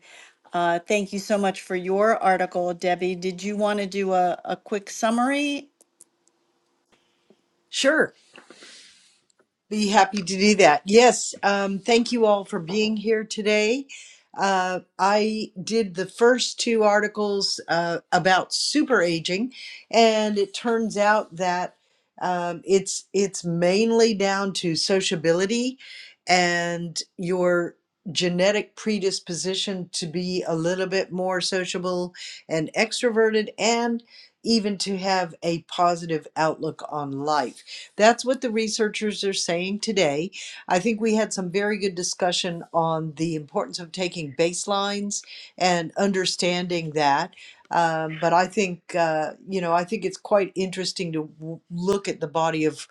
Speaker 2: uh, thank you so much for your article, Debbie. Did you want to do a, a quick summary
Speaker 5: Sure. Be happy to do that. Yes, um, thank you all for being here today. Uh, I did the first two articles uh, about super aging, and it turns out that um, it's it's mainly down to sociability and your genetic predisposition to be a little bit more sociable and extroverted, and even to have a positive outlook on life. That's what the researchers are saying today. I think we had some very good discussion on the importance of taking baselines and understanding that. Um, but I think, uh, you know, I think it's quite interesting to w- look at the body of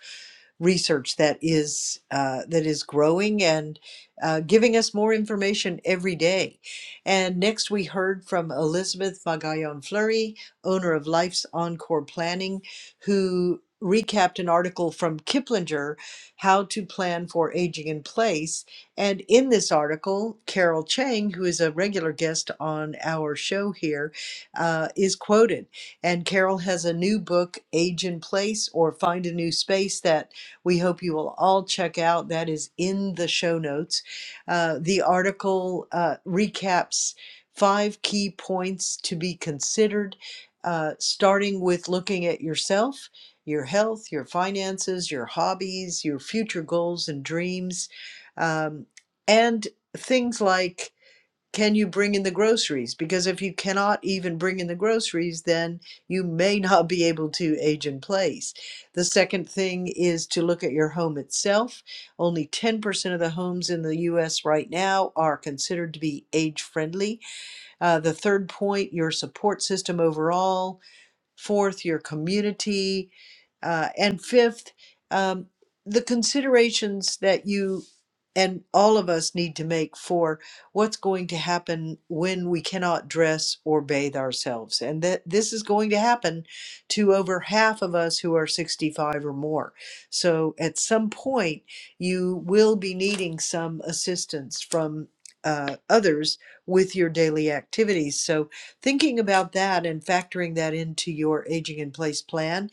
Speaker 5: research that is uh, that is growing and uh, giving us more information every day. And next, we heard from Elizabeth Magallon Fleury, owner of Life's Encore Planning who recapped an article from Kiplinger, How to Plan for Aging in Place. And in this article, Carol Chang, who is a regular guest on our show here, uh, is quoted. And Carol has a new book, Age in Place or Find a New Space, that we hope you will all check out. That is in the show notes. Uh, the article uh, recaps five key points to be considered uh, starting with looking at yourself, your health, your finances, your hobbies, your future goals and dreams, um, and things like can you bring in the groceries? Because if you cannot even bring in the groceries, then you may (laughs) not be able to age in place. The second thing is to look at your home itself. Only 10% of the homes in the US right now are considered to be age friendly. Uh, the third point, your support system overall Fourth, your community. Uh, and fifth, um, the considerations that you and all of us need to make for what's going to happen when we cannot dress or bathe ourselves. And that this is going to happen to over half of us who are 65 or more. So at some point, you will be needing some assistance from uh, others with your daily activities. So thinking about that and factoring that into your aging in place plan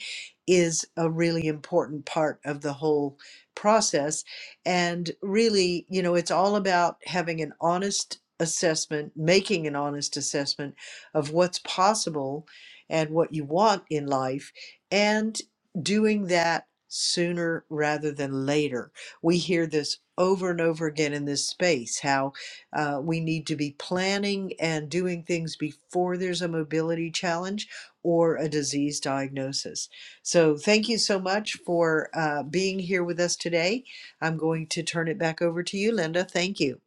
Speaker 5: is a really important part of the whole process. And really, you know, it's all about having an honest assessment, making an honest assessment of what's possible and what you want in life, and doing that sooner rather than later. We hear this over and over again in this space how uh, we need to be planning and doing things before there's a mobility challenge or a disease diagnosis. So, thank you so much for uh, being here with us today. I'm going to turn it back over to you, Linda. Thank you.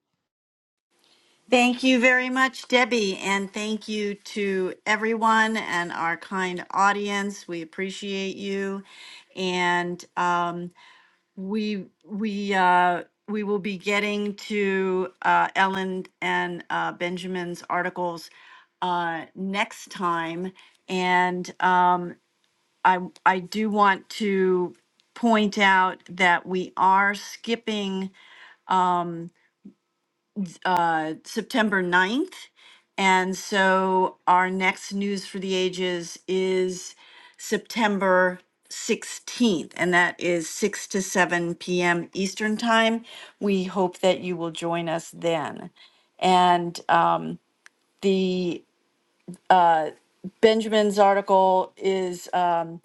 Speaker 2: Thank you very much, Debbie, and thank you to everyone and our kind audience. We appreciate you, and um, we we uh, we will be getting to uh, Ellen and uh, Benjamin's articles uh, next time, and um, I I do want to point out that we are skipping uh, September ninth, And so our next News for the Ages is September 16th, and that is 6 to 7 p.m. Eastern Time. We hope that you will join us then. And um, the uh, Benjamin's article is um,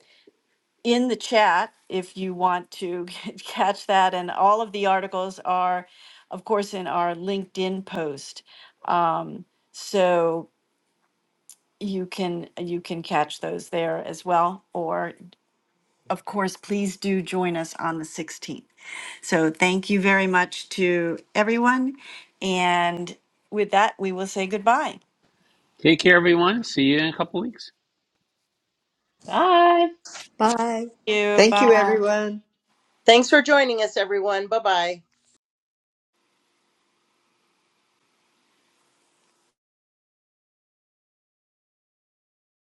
Speaker 2: in the chat if you want to (laughs) catch that. And all of the articles are, of course, in our LinkedIn post. So you can you can catch those there as well or of course please do join us on the 16th so thank you very much to everyone and with that we will say goodbye
Speaker 1: Take care, everyone. See you in a couple weeks.
Speaker 7: Bye.
Speaker 3: Bye.
Speaker 2: Thank you
Speaker 5: Thank you,
Speaker 2: bye
Speaker 5: everyone.
Speaker 4: thanks for joining us everyone bye bye